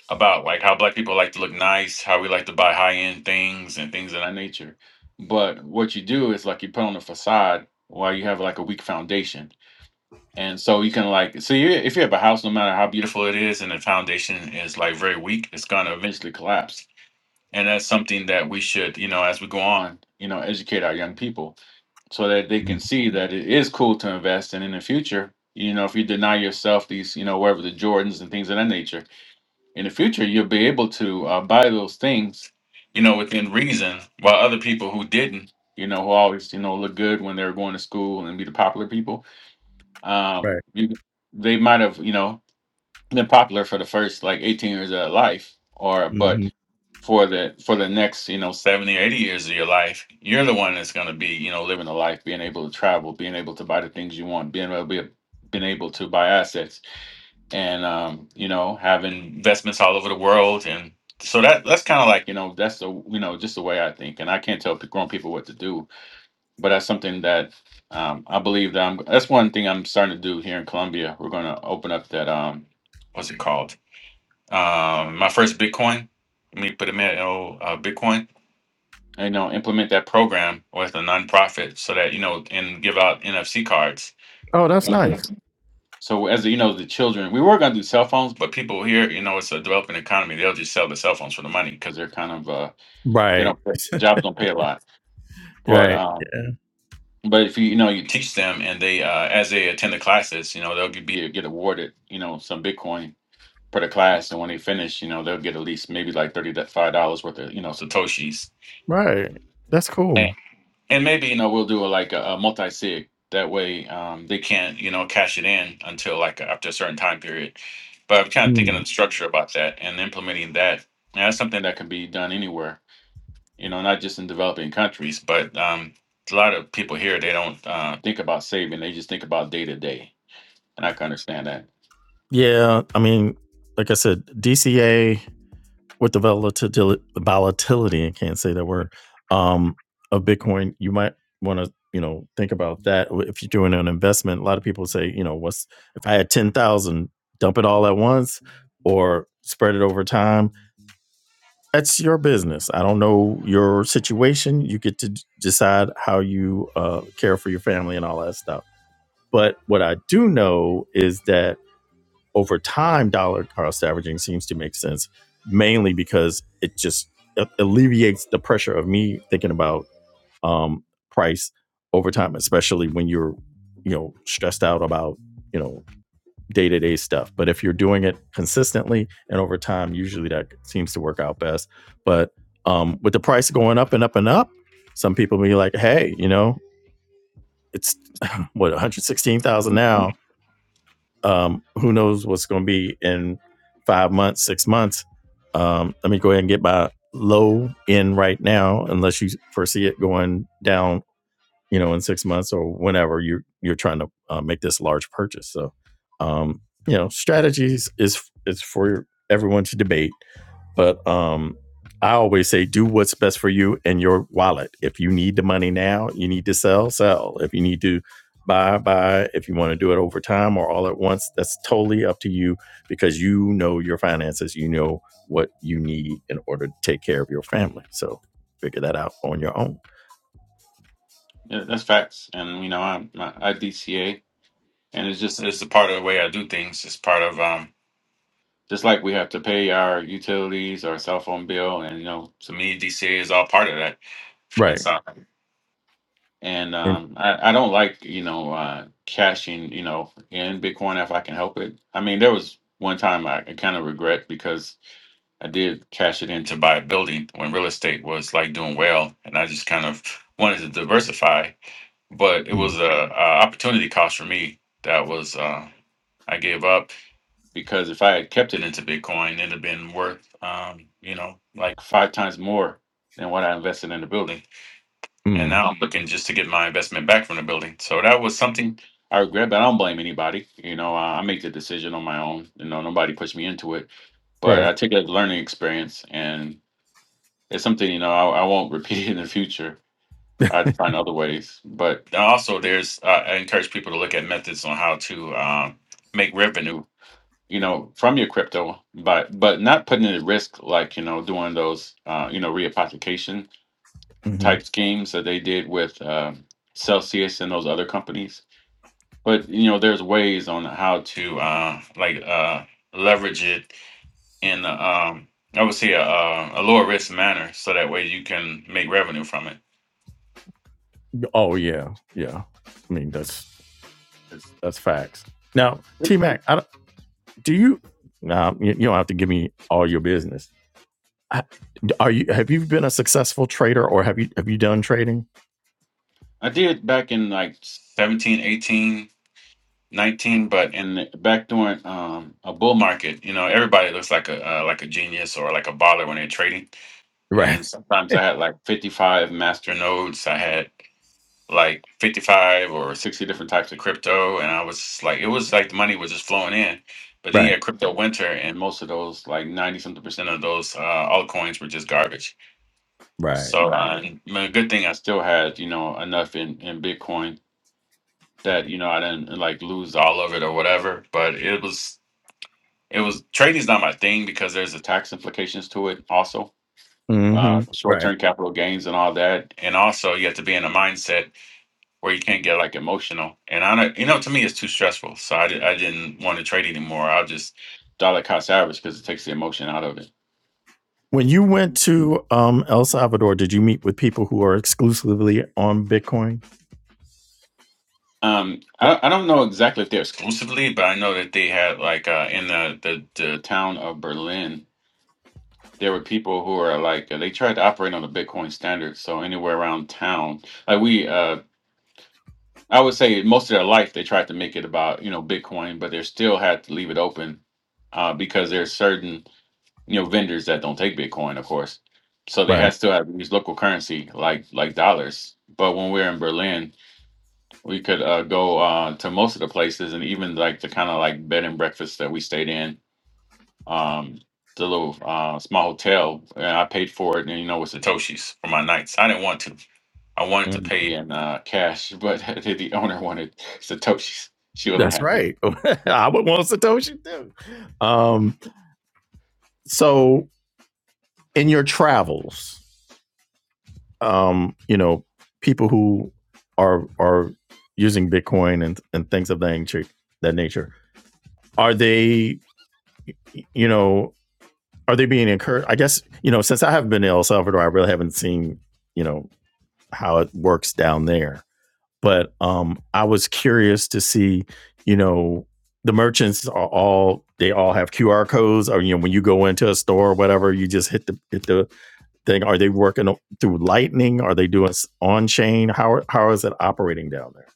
Speaker 3: about like how black people like to look nice, how we like to buy high end things and things of that nature. But what you do is like you put on a facade while you have like a weak foundation. And so you can like so you if you have a house, no matter how beautiful it is, and the foundation is like very weak, it's gonna eventually collapse and that's something that we should you know as we go on you know educate our young people so that they
Speaker 1: Mm,
Speaker 3: can see that it is cool to invest and in the future you know if you deny yourself these you know whatever the jordans and things of that nature in the future you'll be able to uh, buy those things you know within reason while other people who didn't you know who always you know look good when they were going to school and be the popular people um
Speaker 1: Right.
Speaker 3: you, they might have you know been popular for the first like 18 years of their life or but
Speaker 1: hmm
Speaker 3: for the for the next you know 70 80 years of your life you're the one that's going to be you know living the life being able to travel being able to buy the things you want being able to be being able to buy assets and um you know having investments all over the world and so that that's kind of like you know that's the you know just the way i think and i can't tell p- grown people what to do but that's something that um i believe that i'm that's one thing i'm starting to do here in colombia we're going to open up that um what's it called um, my first Bitcoin, me put them in that old uh, Bitcoin. And, You know, implement that program with a nonprofit so that you know, and give out NFC cards.
Speaker 1: Oh, that's
Speaker 3: Mhm.
Speaker 1: nice.
Speaker 3: So as you know, the children, we were gonna do cell phones, but people here, you know, it's a developing economy. They'll just sell the cell phones for the money because they're kind of uh, they
Speaker 1: Right.
Speaker 3: don't jobs don't pay a lot. But
Speaker 1: Right.
Speaker 3: um,
Speaker 1: Yeah.
Speaker 3: but if you you know you teach them and they uh, as they attend the classes, you know, they'll be get awarded you know some Bitcoin for the class, and when they finish, you know, they'll get at least maybe like thirty to five dollars worth of you know satoshis,
Speaker 1: Right. That's
Speaker 3: and
Speaker 1: cool.
Speaker 3: and maybe you know we'll do a, like a, a multi sig. That way, um, they can't you know cash it in until like after a certain time period. But I'm kind of thinking of
Speaker 1: Mm.
Speaker 3: the structure about that and implementing that. And that's something that can be done anywhere, you know, not just in developing countries, but um, a lot of people here they don't uh, think about saving; they just think about day to day, and I can understand that.
Speaker 1: Yeah. I mean, like I said, DCA with the volatility, volatility I can't say that word, um, of Bitcoin, you might want to, you know, think about that if you're doing an investment. A lot of people say, you know, what's if I had 10,000, dump it all at once or spread it over time that's your business. I don't know your situation. You get to decide how you uh, care for your family and all that stuff. But what I do know is that over time, dollar cost averaging seems to make sense, mainly because it just a- alleviates the pressure of me thinking about um, price over time, especially when you're, you know, stressed out about, you know, day to day stuff. But if you're doing it consistently and over time, usually that seems to work out best. But um, with the price going up and up and up, some people be like, hey, you know, it's what 116,000 now. Um, who knows what's going to be in five months, six months? Um, let me go ahead and get my low in right now, unless you foresee it going down you know in six months or whenever you're you're trying to uh, make this large purchase so um you know strategies is is for everyone to debate but um i always say do what's best for you and your wallet if you need the money now you need to sell sell if you need to buy buy if you want to do it over time or all at once that's totally up to you because you know your finances you know what you need in order to take care of your family so figure that out on your own
Speaker 3: Yeah, that's facts. And you know, I'm IDCA, and it's just it's a part of the way I do things. It's part of um, just like we have to pay our utilities, our cell phone bill, and you know, to me, DCA is all part of that. And
Speaker 1: right
Speaker 3: so, and
Speaker 1: and
Speaker 3: um, I I don't like you know uh, cashing you know in Bitcoin if I can help it. I mean, there was one time I kind of regret because I did cash it in to buy a building when real estate was like doing well, and I just kind of wanted to diversify. But it
Speaker 1: Mm.
Speaker 3: was a, a opportunity cost for me that was uh, I gave up because if I had kept it into Bitcoin, it'd have been worth um, you know like five times more than what I invested in the building. And
Speaker 1: mm,
Speaker 3: now I'm looking just to get my investment back from the building. So that was something I regret, but I don't blame anybody. You know, uh, I make the decision on my own. You know, nobody pushed me into it but
Speaker 1: Right.
Speaker 3: I took it as a learning experience, and it's something you know I, I won't repeat in the future. I had to find other ways, but also there's I I encourage people to look at methods on how to um, make revenue, you know, from your crypto, but but not putting it at risk like you know doing those uh, you know reapplication
Speaker 1: hmm
Speaker 3: type schemes that they did with uh, Celsius and those other companies. But you know, there's ways on how to uh, like uh, leverage it in um, I would say a, a a lower risk manner, so that way you can make revenue from it.
Speaker 1: Oh yeah, yeah. I mean that's that's facts. Now, T Mac, I don't, do you? Nah, you, you don't have to give me all your business. I- Are you? Have you been a successful trader, or have you have you done trading?
Speaker 3: I did back in like 17, 18, 19, but in the, back during um, a bull market, you know, everybody looks like a uh, like a genius or like a baller when they're trading.
Speaker 1: Right.
Speaker 3: And sometimes I had like 55 master nodes. I had like 55 or 60 different types of crypto and I was like it was like the money was just flowing in. But then you
Speaker 1: Right.
Speaker 3: had crypto winter and most of those like 90 something percent of those uh, altcoins were just garbage.
Speaker 1: Right.
Speaker 3: So Right. uh, I mean, a good thing I still had, you know, enough in in Bitcoin that you know I didn't like lose all of it or whatever. But it was it was trading's not my thing because there's a tax implications to it also,
Speaker 1: hmm
Speaker 3: uh, short
Speaker 1: Right.
Speaker 3: term capital gains and all that, and also you have to be in a mindset where you can't get like emotional. And I don't, you know to me it's too stressful, so I, di- I didn't want to trade anymore. I'll just dollar cost average because it takes the emotion out of it.
Speaker 1: When you went to um, El Salvador, did you meet with people who are exclusively on Bitcoin?
Speaker 3: Um, I, I don't know exactly if they're exclusively, but I know that they had like uh, in the, the the town of Berlin there were people who are like uh, they tried to operate on the Bitcoin standard. So anywhere around town, like we, uh, I would say most of their life they tried to make it about you know Bitcoin, but they still had to leave it open uh, because there's certain you know vendors that don't take Bitcoin, of course. So they
Speaker 1: Right.
Speaker 3: had still have to use local currency like like dollars. But when we were in Berlin, we could uh, go uh, to most of the places and even like the kind of like bed and breakfast that we stayed in um the little uh small hotel and I paid for it and you know with Satoshis for my nights. I didn't want to. I wanted to
Speaker 1: Mm.
Speaker 3: pay in uh cash, but the owner wanted Satoshis. She wasn't
Speaker 1: That's
Speaker 3: happy.
Speaker 1: right. I would want Satoshi too. Um, so, in your travels, um, you know, people who are are using Bitcoin and and things of that nature, that nature, are they, you know, are they being encouraged? I guess you know, since I haven't been in El Salvador, I really haven't seen you know how it works down there. But um, I was curious to see, you know, the merchants are all they all have QR codes, or you know, when you go into a store or whatever, you just hit the hit the thing? Are they working through Lightning? Are they doing on chain? How how is it operating down there?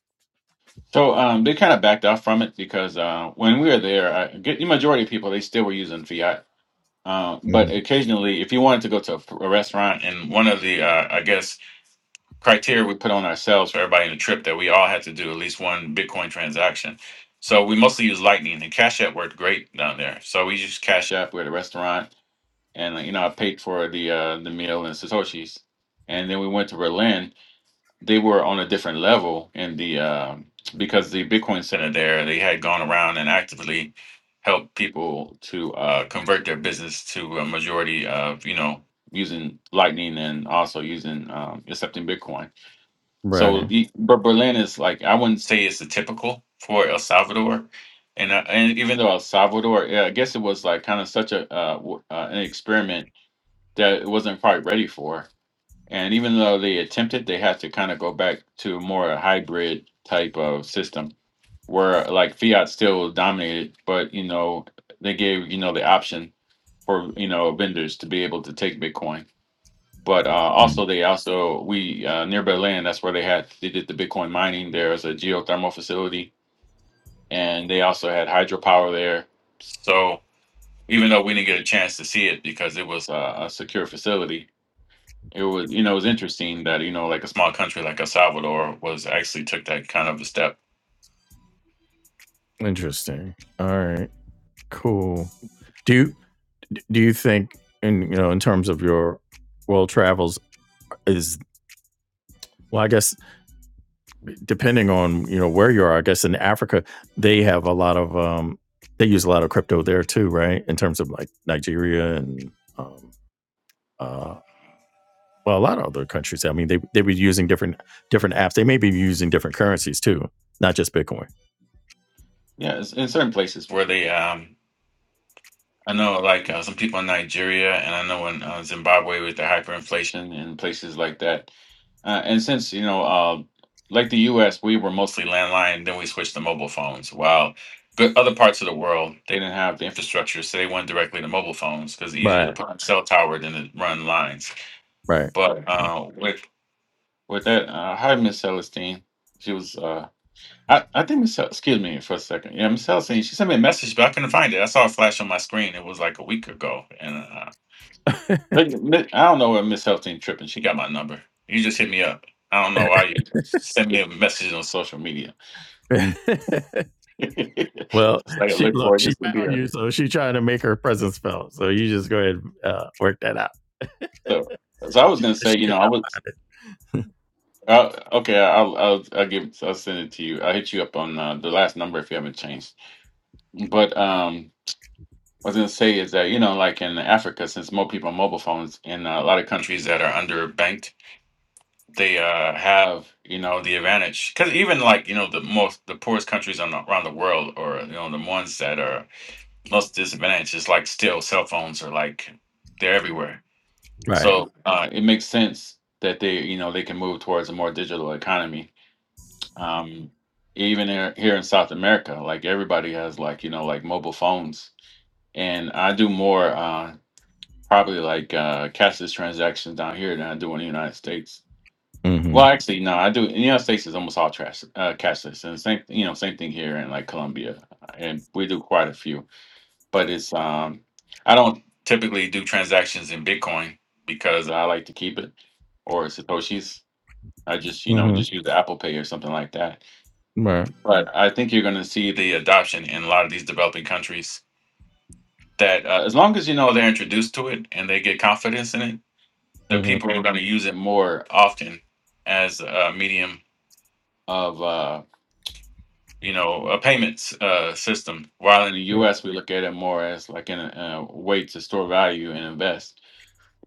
Speaker 3: So um they kind of backed off from it because uh when we were there, I get the majority of people they still were using fiat. Uh, but occasionally, if you wanted to go to a, a restaurant and one of the, uh, I guess criteria we put on ourselves for everybody in the trip that we all had to do at least one Bitcoin transaction. So we mostly use Lightning and Cash App worked great down there. So we used Cash App. We're at a restaurant, and uh, you know I paid for the uh, the meal and satoshis, and then we went to Berlin. They were on a different level in the um because the Bitcoin Center there they had gone around and actively helped people to uh, convert their business to a majority of you know using Lightning and also using um, accepting Bitcoin. So,
Speaker 1: Right.
Speaker 3: the- but Berlin is like I wouldn't say it's the typical for El Salvador, and uh, and even though El Salvador, yeah, I guess it was like kind of such a uh, w- uh, an experiment that it wasn't quite ready for. And even though they attempted, they had to kind of go back to more a hybrid type of system where like fiat still dominated, but you know they gave you know the option for you know vendors to be able to take Bitcoin but uh,
Speaker 1: Mm.
Speaker 3: also, they also we uh, near Berlin. That's where they had they did the Bitcoin mining. There's a geothermal facility, and they also had hydropower there. So even though we didn't get a chance to see it because it was a, a secure facility, it was you know it was interesting that you know like a small country like El Salvador was actually took that kind of a step.
Speaker 1: Interesting. All right. Cool. Do you do you think in you know in terms of your world travels is well I guess depending on you know where you are I guess in Africa they have a lot of um they use a lot of crypto there too right in terms of like Nigeria and um, uh, well, a lot of other countries. I mean, they they were using different different apps. They may be using different currencies too, not just Bitcoin.
Speaker 3: Yeah, it's in certain places where they um I know, like uh, some people in Nigeria, and I know in uh, Zimbabwe with the hyperinflation and places like that. Uh, and since you know, uh, like the U.S., we were mostly landline. Then we switched to mobile phones. While good other parts of the world, they didn't have the infrastructure, so they went directly to mobile phones because it's easier to
Speaker 1: Right.
Speaker 3: put on cell tower than to run lines.
Speaker 1: Right.
Speaker 3: But uh, with with that, uh, hi, Miss Celestine. She was uh, I, I think Michelle, excuse me for a second. Yeah, Michelle saying she sent me a message, but I couldn't find it. I saw a flash on my screen. It was like a week ago, and uh, but yeah, Mi- I don't know where Miss Helstein tripping. She got my number. You just hit me up. I don't know why you sent me a message on social media.
Speaker 1: right. well,
Speaker 3: it's like I
Speaker 1: she
Speaker 3: look
Speaker 1: look,
Speaker 3: for it.
Speaker 1: she
Speaker 3: This would be
Speaker 1: found
Speaker 3: her.
Speaker 1: you, so she's trying to make her presence felt. So you just go ahead and uh, work that out.
Speaker 3: So, so I was
Speaker 1: She,
Speaker 3: gonna
Speaker 1: she
Speaker 3: say, you
Speaker 1: could
Speaker 3: know, I
Speaker 1: not
Speaker 3: was
Speaker 1: find it.
Speaker 3: uh, okay. I'll, I'll I'll give I'll send it to you. I'll hit you up on uh, the last number if you haven't changed. But um. I was gonna say is that you know, like in Africa, since more people on mobile phones in a lot of countries that are underbanked, they uh, have you know the advantage because even like you know the most the poorest countries on the, around the world, or you know the ones that are most disadvantaged, is like still cell phones are like they're everywhere.
Speaker 1: Right.
Speaker 3: So uh, it makes sense that they you know they can move towards a more digital economy. Um, even here, here in South America, like everybody has like you know like mobile phones and I do more. Uh, Probably like uh, cashless transactions down here than I do in the United States.
Speaker 1: Mm-hmm.
Speaker 3: Well, actually, no, I do. In the United States, is almost all trash, uh, cashless, and same, you know, same thing here in like Colombia, and we do quite a few. But it's, um, I don't typically do transactions in Bitcoin because I like to keep it or Satoshi's. I just, you know, just
Speaker 1: Mm-hmm.
Speaker 3: use Apple Pay or something like that.
Speaker 1: Right.
Speaker 3: But I think you're going to see the adoption in a lot of these developing countries that, uh, as long as you know they're introduced to it and they get confidence in it the
Speaker 1: Mm-hmm.
Speaker 3: people are going to use it more often as a medium of uh, you know a payments uh, system. While in the
Speaker 1: Right.
Speaker 3: U.S. we look at it more as like an, a way to store value and invest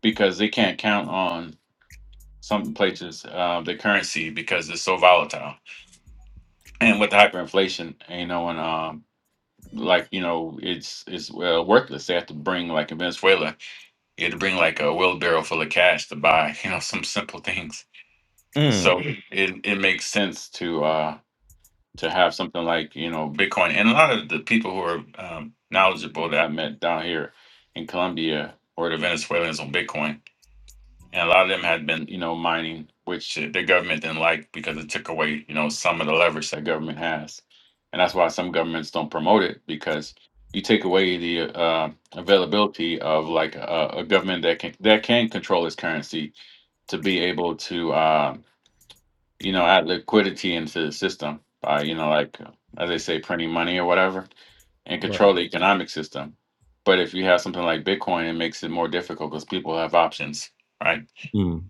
Speaker 3: because they can't count on some places uh, the currency because it's so volatile. And with hyperinflation, you know, and um, like you know, it's it's uh, worthless. They have to bring like in Venezuela, you had to bring like a wheelbarrow full of cash to buy you know some simple things
Speaker 1: Mm.
Speaker 3: So it it makes sense to uh to have something like you know Bitcoin and a lot of the people who are um, knowledgeable that I met down here in Colombia were the Venezuelans on Bitcoin, and a lot of them had been you know mining, which uh, the government didn't like because it took away you know some of the leverage that government has, and that's why some governments don't promote it because you take away the uh, availability of like a, a government that can that can control its currency to be able to. um, you know, add liquidity into the system by, you know, like uh, as they say, printing money or whatever, and
Speaker 1: Right.
Speaker 3: control the economic system. But if you have something like Bitcoin, it makes it more difficult because people have options, right?
Speaker 1: Mm.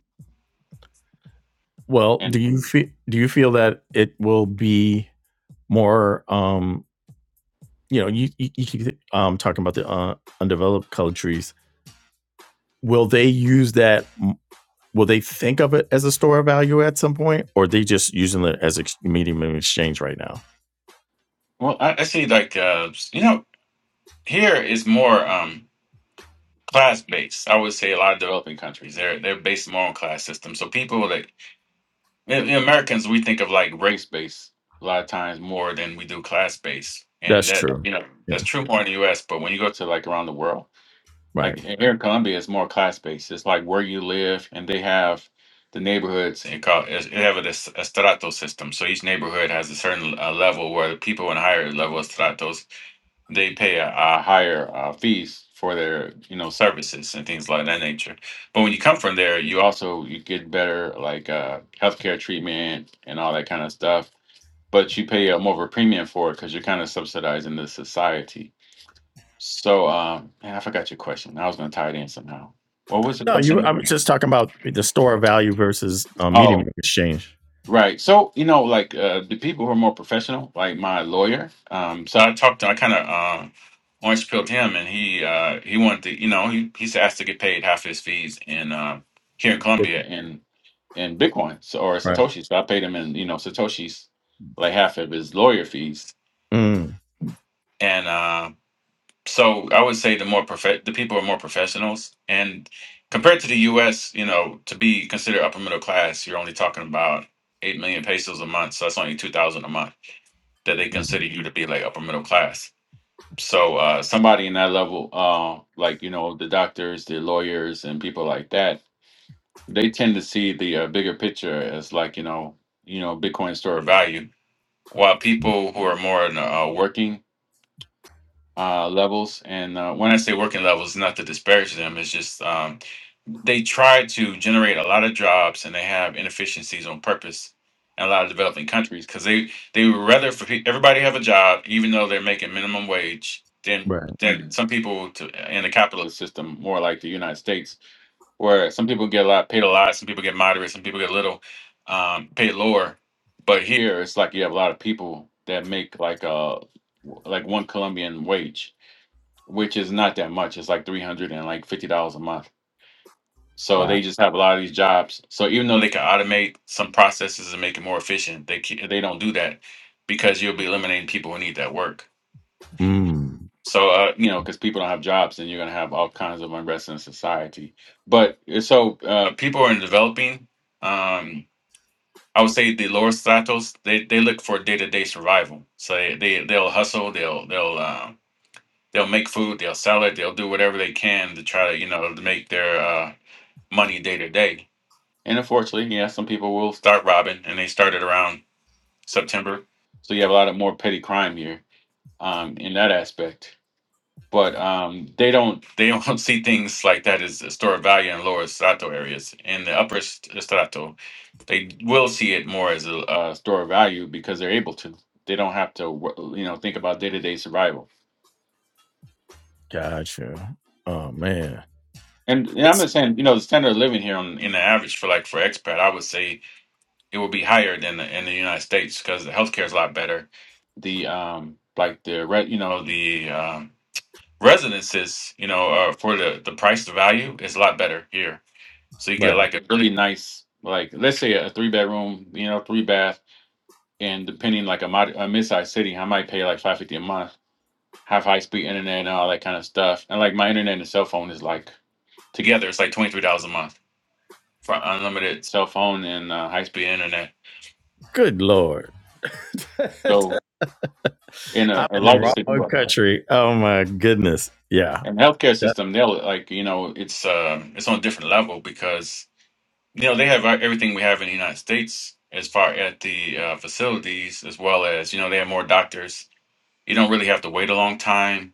Speaker 1: Well, do
Speaker 3: And
Speaker 1: you feel do you feel that it will be more um you know, you you, you keep um, talking about the uh, undeveloped countries. Will they use that? Will they think of it as a store of value at some point, or are they just using it as a medium of exchange right now?
Speaker 3: well, I, I see like uh, you know, here is more um class based. I would say a lot of developing countries they're they're based more on class systems. So people that the the Americans we think of like race based a lot of times more than we do class based, and
Speaker 1: That's
Speaker 3: that
Speaker 1: true.
Speaker 3: you know that's
Speaker 1: Yeah.
Speaker 3: true more in the U.S. But when you go to like around the world Like
Speaker 1: Right.
Speaker 3: in- here in Columbia, it's more class based. It's like where you live, and they have the neighborhoods. They call it, they have a, a strato system. So each neighborhood has a certain uh, level where the people in higher level stratos they pay a, a higher uh, fees for their you know services and things like that nature. But when you come from there, you also you get better like uh, healthcare treatment and all that kind of stuff. But you pay a more of a premium for it because you're kind of subsidizing the society so, um, man, I forgot your question. I was gonna tie it in somehow. What was the
Speaker 1: No, you. I
Speaker 3: question?
Speaker 1: was just talking about the store of value versus um, medium of
Speaker 3: Oh,
Speaker 1: exchange.
Speaker 3: right. So, you know, like uh, the people who are more professional, like my lawyer. Um, so I talked to, I kind of um, orange pilled him, and he uh, he wanted to, you know, he he's asked to get paid half his fees in uh, here in Colombia in in Bitcoin so, or
Speaker 1: Right.
Speaker 3: Satoshi. So I paid him in, you know, Satoshis, like half of his lawyer fees,
Speaker 1: Mm,
Speaker 3: and. uh. so I would say the more prof- the people are more professionals, and compared to the U.S., you know, to be considered upper middle class, you're only talking about eight million pesos a month, so that's only two thousand a month that they
Speaker 1: mm,
Speaker 3: consider you to be like upper middle class. So uh, somebody in that level, uh, like you know, the doctors, the lawyers, and people like that, they tend to see the uh, bigger picture as like you know, you know, Bitcoin store of value, while people who are more in, uh, working uh, levels. And uh, when I say working levels, not to disparage them, it's just um, they try to generate a lot of jobs and they have inefficiencies on purpose in a lot of developing countries because they, they would rather for pe- everybody have a job, even though they're making minimum wage, than,
Speaker 1: right.
Speaker 3: than Mhm. some people to, in the capitalist system, more like the United States, where some people get a lot, paid a lot, some people get moderate, some people get little, um, paid lower. But here, it's like you have a lot of people that make like a like one Colombian wage, which is not that much. It's like three hundred and like fifty dollars a month. So
Speaker 1: Wow.
Speaker 3: they just have a lot of these jobs. So even though they can automate some processes and make it more efficient, they ca- they don't do that because you'll be eliminating people who need that work.
Speaker 1: Mm,
Speaker 3: So uh, you know, because people don't have jobs, and you're gonna have all kinds of unrest in society. But uh, so uh, people are developing. Um, I would say the lower stratos they, they look for day to day survival. So they, they they'll hustle. They'll they'll um, They'll make food, they'll sell it, they'll do whatever they can to try to, you know, to make their uh, money day to day. And unfortunately, yeah, some people will start robbing, and they started around September. So you have a lot of more petty crime here um, in that aspect. But um, they don't they don't see things like that as a store of value in lower strato areas. In the upper st- strato, they will see it more as a, uh store of value because they're able to. They don't have to, wo- you know, think about day to day survival
Speaker 1: gotcha. Oh man.
Speaker 3: And, and I'm
Speaker 1: It's
Speaker 3: just saying, you know, the standard of living here on in the average for like for expat, I would say it would be higher than the, in the United States because the healthcare is a lot better. The um, like the re, you know, the um, residences, you know, uh, for the the price to value is a lot better here. So you
Speaker 1: right.
Speaker 3: get like a really nice, like let's say a three bedroom, you know, three bath, and depending like a mod a mid-sized city, I might pay like five fifty a month, have high speed internet and all that kind of stuff. And like my internet and cell phone is like together, it's like twenty three dollars a month for unlimited cell phone and uh, high speed internet.
Speaker 1: Good lord.
Speaker 3: So in
Speaker 1: I'm
Speaker 3: a, a
Speaker 1: in the
Speaker 3: larger city
Speaker 1: wrong
Speaker 3: like
Speaker 1: country. Oh my goodness. Yeah.
Speaker 3: and healthcare
Speaker 1: That-
Speaker 3: system, they'll like you know it's um it's on a different level because you know they have uh, everything we have in the United States as far at the uh, facilities as well as you know they have more doctors. You don't really have to wait a long time.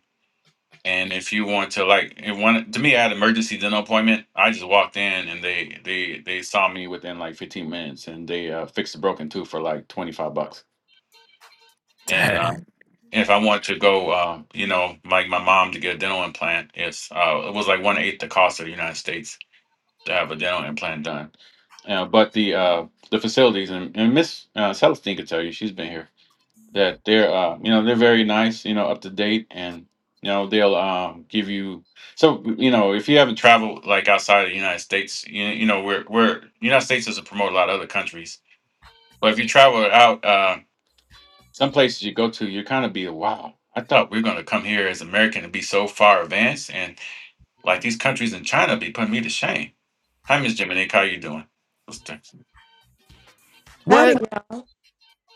Speaker 3: And if you want to like, it one to me, I had an emergency dental appointment. I just walked in and they they they saw me within like 15 minutes and they uh, fixed a broken tooth for like 25 bucks. And uh,
Speaker 1: dang.
Speaker 3: And if I want to go, um, you know, like my mom to get a dental implant, it's uh, it was like one eighth the cost of the United States to have a dental implant done. Uh, but the uh, the facilities and, and Miss uh, Celestine could tell you she's been here that they're uh, you know they're very nice, you know, up to date, and you know they'll um, give you. So you know if you haven't traveled like outside of the United States, you, you know we're we're United States doesn't promote a lot of other countries, but if you travel out. Uh, some places you go to, you kind of be wow. I thought we are gonna come here as American and be so far advanced, and like these countries in China be putting me to shame. Hi, Miss Jiminy, how you doing? It's
Speaker 1: What?
Speaker 4: Howdy, y'all.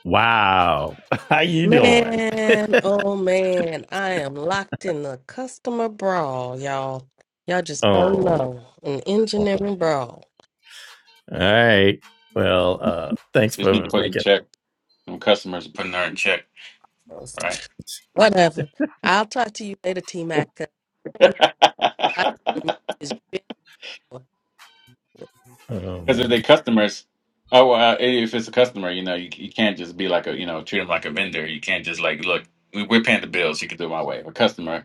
Speaker 1: Wow. How you doing?
Speaker 4: Man, oh man, I am locked in the customer brawl, y'all. Y'all just don't
Speaker 1: Oh.
Speaker 4: know. An
Speaker 1: All
Speaker 4: engineering brawl.
Speaker 1: right. Well, uh, thanks
Speaker 3: been
Speaker 1: for
Speaker 3: put in
Speaker 1: making.
Speaker 3: check. Them customers are putting her in check, right?
Speaker 4: Whatever. I'll talk to you later, T Mac. I've
Speaker 1: Oh
Speaker 3: Because
Speaker 1: my.
Speaker 3: if they
Speaker 1: g-
Speaker 3: customers, oh well, uh, if it's a customer, you know, you, you can't just be like a, you know, treat them like a vendor. You can't just like, look, we, we're paying the bills. You can do it my way. If a customer,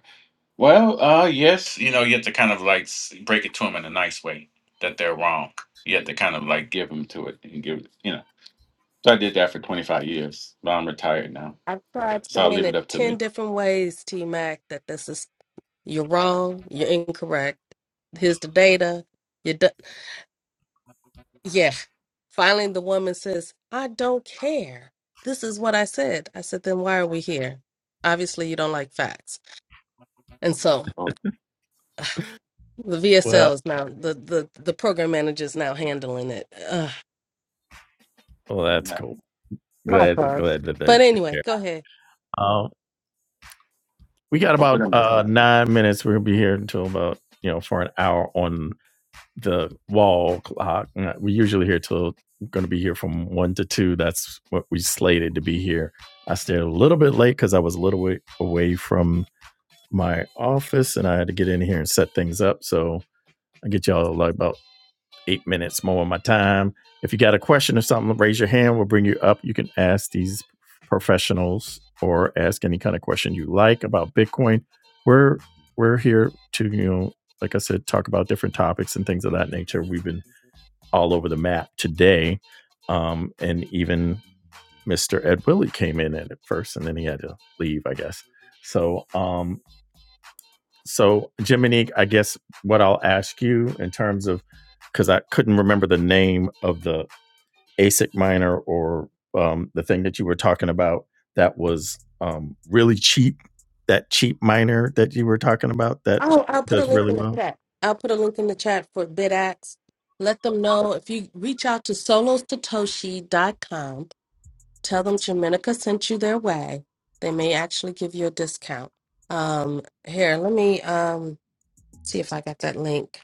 Speaker 3: Well, uh, yes, you know, you have to kind of like s- break it to them in a nice way that they're wrong. You have to kind of like give them to it and give, you know. So I did that for 25 years, but I'm retired now.
Speaker 4: tried
Speaker 3: So I'll
Speaker 4: saying
Speaker 3: leave it
Speaker 4: it
Speaker 3: up to the
Speaker 4: 10 different ways, T Mac, that this is, you're wrong, you're incorrect. Here's the data. You're done. Yeah. Finally, the woman says, I don't care. This is what I said. I said, then why are we here? Obviously, you don't like facts. And so
Speaker 3: oh,
Speaker 4: the
Speaker 1: Well,
Speaker 4: VSL is now, the, the, the program manager is now handling it. Ugh,
Speaker 1: well, that's
Speaker 3: yeah.
Speaker 1: cool.
Speaker 4: not
Speaker 1: Glad,
Speaker 4: close.
Speaker 1: glad that they
Speaker 4: But anyway,
Speaker 1: care.
Speaker 4: go ahead.
Speaker 1: Um, we got
Speaker 3: corporate
Speaker 1: about
Speaker 3: investment.
Speaker 1: uh nine minutes. We're gonna be here until about you know for an hour on the wall clock. Uh, We usually here till going to be here from one to two. That's what we slated to be here. I stayed a little bit late because I was a little way away from my office and I had to get in here and set things up. So I get y'all like about eight minutes more of my time. If you got a question or something, raise your hand. We'll bring you up. You can ask these professionals or ask any kind of question you like about Bitcoin. We're we're here to you know, like I said, talk about different topics and things of that nature. We've been all over the map today. Um, and even Mr. Ed Willie came in at first, and then he had to leave, I guess. So, um, so Jiminique, I guess what I'll ask you in terms of because I couldn't remember the name of the ASIC miner or um, the thing that you were talking about that was um, really cheap. That cheap miner that you were talking about that
Speaker 4: Oh, I'll put a
Speaker 1: does
Speaker 4: link
Speaker 1: really
Speaker 4: in the
Speaker 1: well.
Speaker 4: chat. I'll put a link in the chat for BidAx. Let them know if you reach out to solo satoshi dot com. Tell them Jamenica sent you their way. They may actually give you a discount. Um, here, let me um see if I got that link.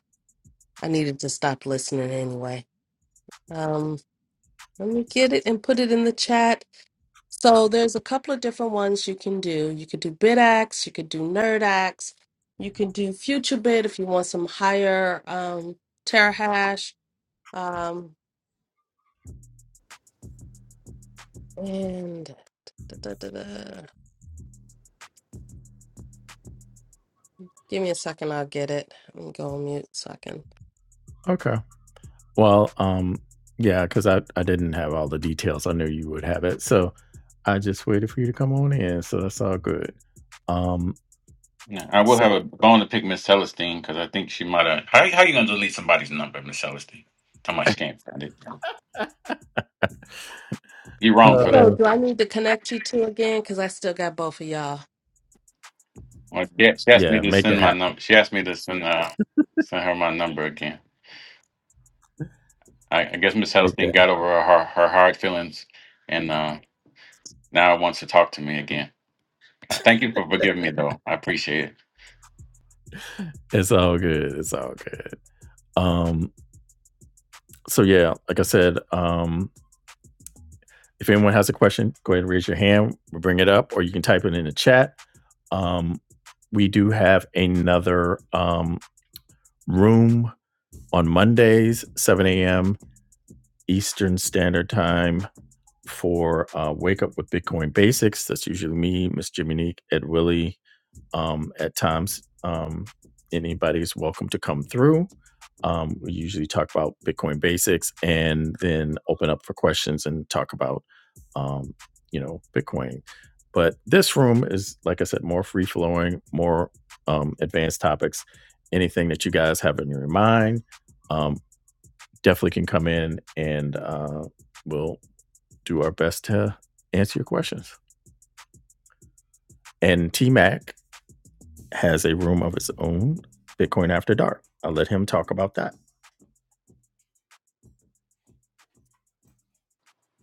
Speaker 4: I needed to stop listening anyway. Um, let me get it and put it in the chat. So there's a couple of different ones you can do. You could do BidX, you could do NerdX, you can do future bid if you want some higher um terahash. Um and da, da, da, da. Give me a second, I'll get it. Let me go on mute so I can.
Speaker 1: Okay. Well, um, yeah, because I, I didn't have all the details. I knew you would have it. So I just waited for you to come on in. So that's all good. Um,
Speaker 3: Yeah, I will
Speaker 1: so
Speaker 3: have a bone to pick Miss Celestine because I think she might have. How, how you going to delete somebody's number, Miss Celestine? How much she can't find it. You're wrong for
Speaker 4: So
Speaker 3: that.
Speaker 1: uh,
Speaker 4: do I need to connect you two again? Because I still got both of y'all.
Speaker 3: Well, she, she asked me
Speaker 1: yeah,
Speaker 3: to
Speaker 1: make it
Speaker 3: send my
Speaker 1: happen.
Speaker 3: number. She asked me to send, uh, send her my number again. I, I guess Miss
Speaker 1: Make
Speaker 3: Hellstein
Speaker 1: that. happen.
Speaker 3: got over her her hard feelings and uh, now wants to talk to me again. Uh, Thank you for forgiving me, though. I appreciate it.
Speaker 1: It's all good. It's all good. Um, so yeah, like I said, um, if anyone has a question, go ahead and raise your hand. We'll bring it up, or you can type it in the chat. Um, we do have another um, room on Mondays, 7 a.m. Eastern Standard Time. for uh, Wake Up with Bitcoin Basics. That's usually me, Miss Jiminique, Ed Willie. Um, at times, um, anybody's welcome to come through. Um, we usually talk about Bitcoin basics and then open up for questions and talk about, um, you know, Bitcoin. But this room is, like I said, more free flowing, more um, advanced topics. Anything that you guys have in your mind, um, definitely can come in and uh, we'll do our best to answer your questions. And T Mac has a room of his own, Bitcoin After Dark. I'll let him talk about that.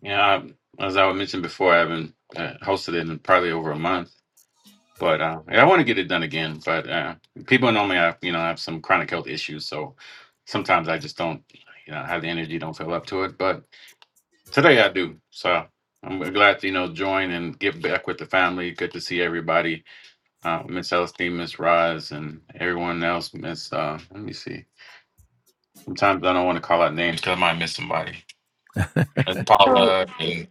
Speaker 3: Yeah, I, as I mentioned before, I haven't uh, hosted it in probably over a month, but uh, yeah, I want to get it done again. But uh, people normally have, you know, have some chronic health issues, so sometimes I just don't, you know, have the energy, don't feel up to it. But today I do, so I'm glad to, you know, join and get back with the family. Good to see everybody uh, Miss Elstein, Miss Rise, and everyone else. Miss, uh, let me see. Sometimes I don't want to call out names because I might miss somebody. Uh,
Speaker 4: So,
Speaker 3: Paula and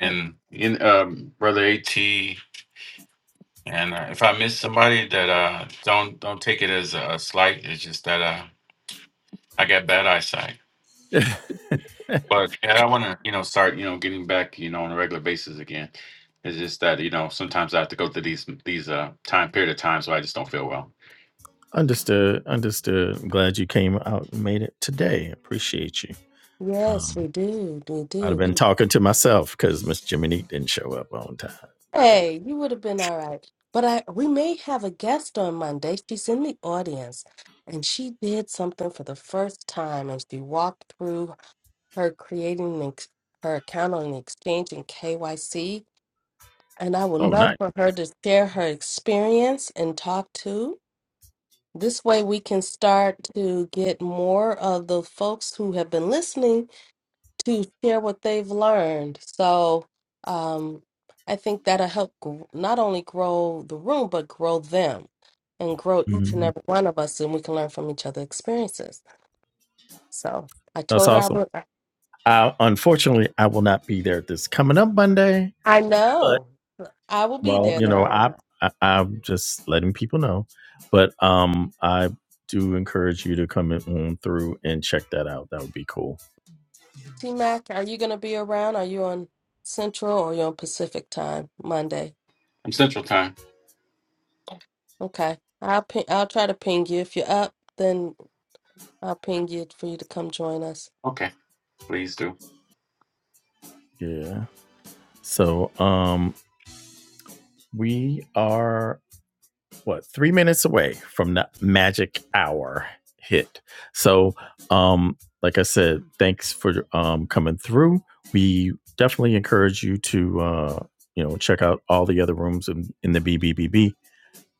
Speaker 4: oh,
Speaker 3: in um, brother At, and uh, if I miss somebody, that uh, don't don't take it as a slight. It's just that uh, I got bad eyesight. But yeah, I want to you know start you know getting back you know on a regular basis again. It's just that you know sometimes I have to go through these these uh time period of times where I just don't feel well.
Speaker 1: understood. Understood. I'm glad you came out and made it today. Appreciate you.
Speaker 4: yes,
Speaker 1: Um,
Speaker 4: we do. We
Speaker 1: I'd have
Speaker 4: do.
Speaker 1: been talking to myself because Miss Jiminique didn't show up on time. That-
Speaker 4: Hey, you would have been all right. But I we may have a guest on Monday. She's in the audience. And she did something for the first time and she walked through her creating an ex- her account on exchange and KYC. And I would
Speaker 1: Oh,
Speaker 4: love
Speaker 1: nice.
Speaker 4: for her to share her experience and talk to. This way, we can start to get more of the folks who have been listening to share what they've learned. So um, I think that'll help gr- not only grow the room, but grow them and grow each and
Speaker 1: Mhm.
Speaker 4: every one of us, and we can learn from each other's experiences. So I
Speaker 1: That's
Speaker 4: told her I
Speaker 1: awesome.
Speaker 4: would.
Speaker 1: Uh, unfortunately, I will not be there this coming up Monday.
Speaker 4: I
Speaker 1: But
Speaker 4: know I will be
Speaker 1: well,
Speaker 4: there
Speaker 1: you know,
Speaker 4: though.
Speaker 1: I, I I'm just letting people know. But um, I do encourage you to come in on through and check that out. That would be cool.
Speaker 4: T Mac, are you going to be around? Are you on Central or you on Pacific time Monday?
Speaker 3: I'm Central Time.
Speaker 4: Okay, I'll ping, I'll try to ping you. If you're up, then I'll ping you for you to come join us.
Speaker 3: Okay, please do.
Speaker 1: Yeah. So um, we are. what three minutes away from the magic hour hit. So, um, like I said, thanks for um, coming through. We definitely encourage you to uh, you know check out all the other rooms in, in the BBBB,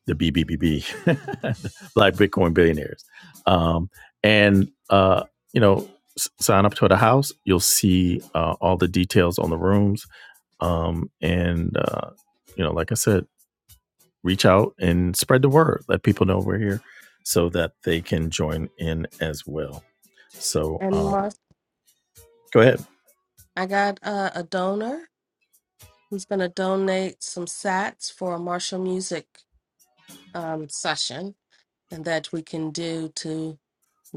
Speaker 1: the BBBB, Black Bitcoin Billionaires, um, and uh, you know s- sign up to the house. You'll see uh, all the details on the rooms, um, and uh, you know, like I said, reach out and spread the word. Let people know we're here so that they can join in as well. So
Speaker 4: And
Speaker 1: uh,
Speaker 4: Mark,
Speaker 1: go ahead.
Speaker 4: I got uh, a donor. He's going to donate some sats for a martial music um, session and that we can do to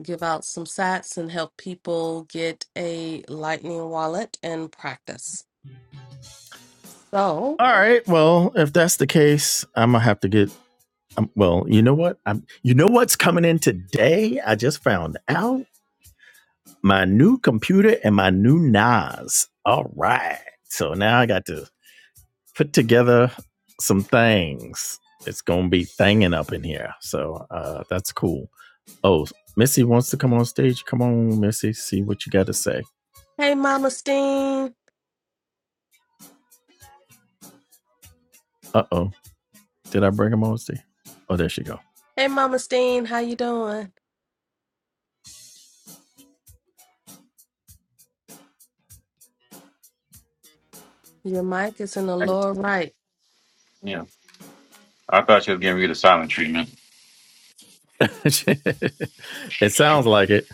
Speaker 4: give out some sats and help people get a lightning wallet and practice. So,
Speaker 1: All right. Well, if that's the case, I'm gonna have to get. Um, well, you know what? I'm. You know what's coming in today? I just found out my new computer and my new NAS. All right. So now I got to put together some things. It's gonna be thanging up in here. So uh, that's cool. Oh, Missy wants to come on stage. Come on, Missy, see what you got to say.
Speaker 4: hey Mama Steen.
Speaker 1: Uh oh, did I bring him on stage? Oh, there she go.
Speaker 4: Hey Mama Steen, how you doing? Your mic is in the
Speaker 3: I,
Speaker 4: lower right.
Speaker 3: yeah, I thought you were giving me the silent treatment.
Speaker 1: it sounds like it.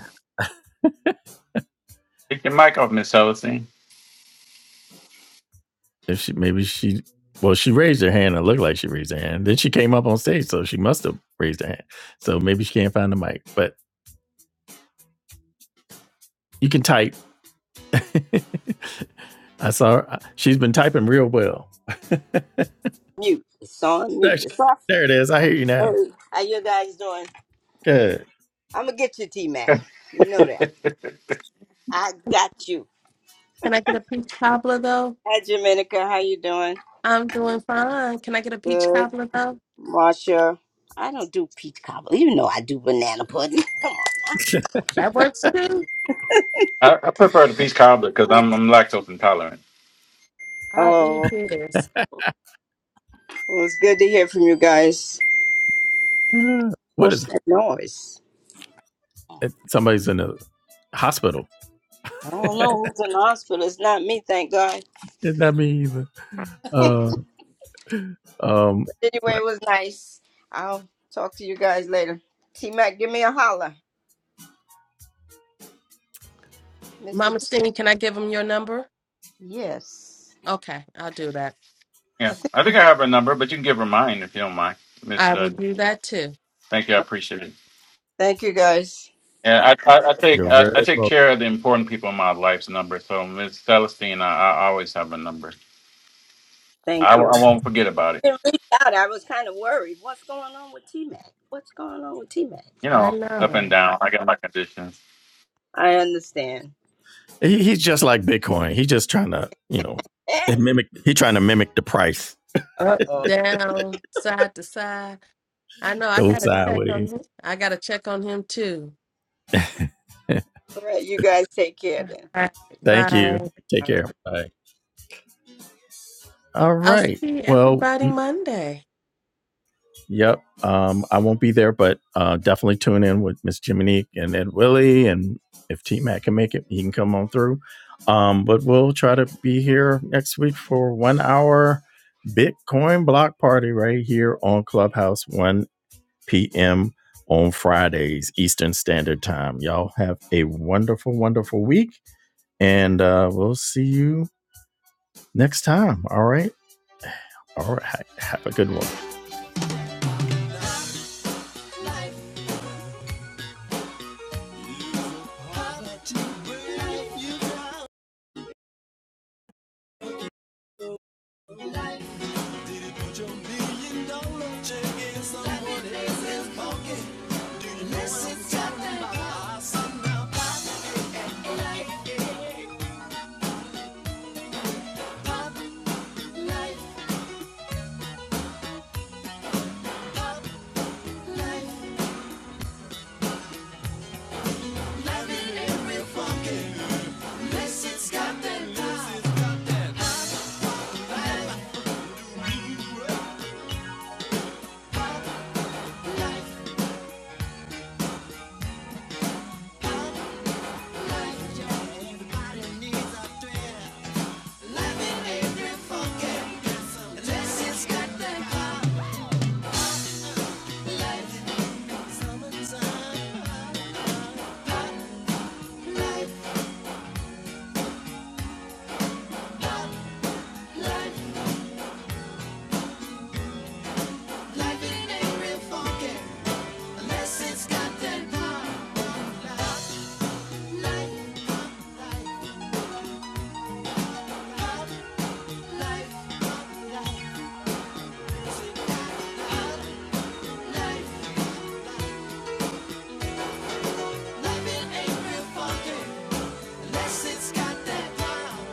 Speaker 3: Take your mic off, Miss Ellison.
Speaker 1: If she maybe she well, she raised her hand. It looked like she raised her hand. Then she came up on stage, so she must have raised her hand. So maybe she can't find the mic, but you can type. I saw her. She's been typing real well.
Speaker 5: mute. It's on
Speaker 1: There,
Speaker 5: mute.
Speaker 1: she-
Speaker 5: It's off.
Speaker 1: there it is. I hear you now.
Speaker 5: Hey, how you guys doing?
Speaker 1: Good.
Speaker 5: I'm gonna get you, T Mac. You know that. I got you.
Speaker 4: Can I get a peach cobbler though?
Speaker 5: Hi, Dominica. How you doing?
Speaker 4: I'm doing fine. Can I get a peach
Speaker 5: Good.
Speaker 4: cobbler though?
Speaker 5: Marsha. I don't do peach cobbler. You know I do banana pudding. Come on.
Speaker 4: That works too.
Speaker 3: I, I prefer the peach cobbler because I'm, I'm lactose intolerant.
Speaker 4: I'll
Speaker 5: Oh,
Speaker 4: eat this.
Speaker 5: well, it's good to hear from you guys.
Speaker 1: Uh, what is
Speaker 5: What's that noise?
Speaker 1: it? Somebody's in the hospital.
Speaker 5: I don't know who's in the hospital. It's not me, thank God.
Speaker 1: Isn't that me either? Uh, Um,
Speaker 5: But anyway,
Speaker 1: but
Speaker 5: it was nice. I'll talk to you guys later. T Mac, give me a holler, Mister
Speaker 4: Mama
Speaker 5: T.
Speaker 4: Steen, can I give him your number?
Speaker 5: Yes.
Speaker 4: Okay, I'll do that.
Speaker 3: Yeah, I think I have her number, but you can give her mine if you don't mind. Miss,
Speaker 4: I
Speaker 3: uh,
Speaker 4: will do that too.
Speaker 3: thank you, I appreciate it.
Speaker 5: Thank you guys.
Speaker 3: Yeah, I, I, I take
Speaker 1: You're
Speaker 3: I, I
Speaker 1: very
Speaker 3: take
Speaker 1: welcome.
Speaker 3: care of the important people in my life's number. So Miss Celestine, I, I always have a number.
Speaker 5: Thank
Speaker 3: I, I
Speaker 5: you.
Speaker 3: won't forget about it.
Speaker 5: I didn't reach out. I was kind of worried. What's going on with T Mac? What's going on with T Mac?
Speaker 3: You
Speaker 4: I
Speaker 3: know, up and
Speaker 4: know.
Speaker 3: down. I got my conditions.
Speaker 5: I understand.
Speaker 1: he, he's just like Bitcoin. He's just trying to, you know, mimic. He's trying to mimic the price.
Speaker 5: uh
Speaker 4: Up,
Speaker 5: oh.
Speaker 4: down, side to side. I know. I
Speaker 1: Go
Speaker 4: gotta
Speaker 1: side
Speaker 4: check
Speaker 1: with
Speaker 4: on him. I gotta check on him too.
Speaker 1: it.
Speaker 5: All right, you guys take care then.
Speaker 4: All right,
Speaker 1: Thank you.
Speaker 4: bye.
Speaker 1: Take
Speaker 5: All right.
Speaker 1: care. Bye. All
Speaker 4: I'll
Speaker 1: right.
Speaker 4: see
Speaker 1: Well,
Speaker 4: everybody Monday.
Speaker 1: yep. Um, I won't be there, but uh, definitely tune in with Miss Jiminique and Ed Willie, and if T Mac can make it, he can come on through. Um, but we'll try to be here next week for one hour Bitcoin block party right here on Clubhouse, one p.m. on Fridays, Eastern Standard Time. Y'all have a wonderful, wonderful week, and uh, we'll see you next time. All right. All right. Have a good one. Life. Life ain't real funky unless it's got that power. Life, life, life, life, life, life, life. Life it ain't real funky unless it's got that power.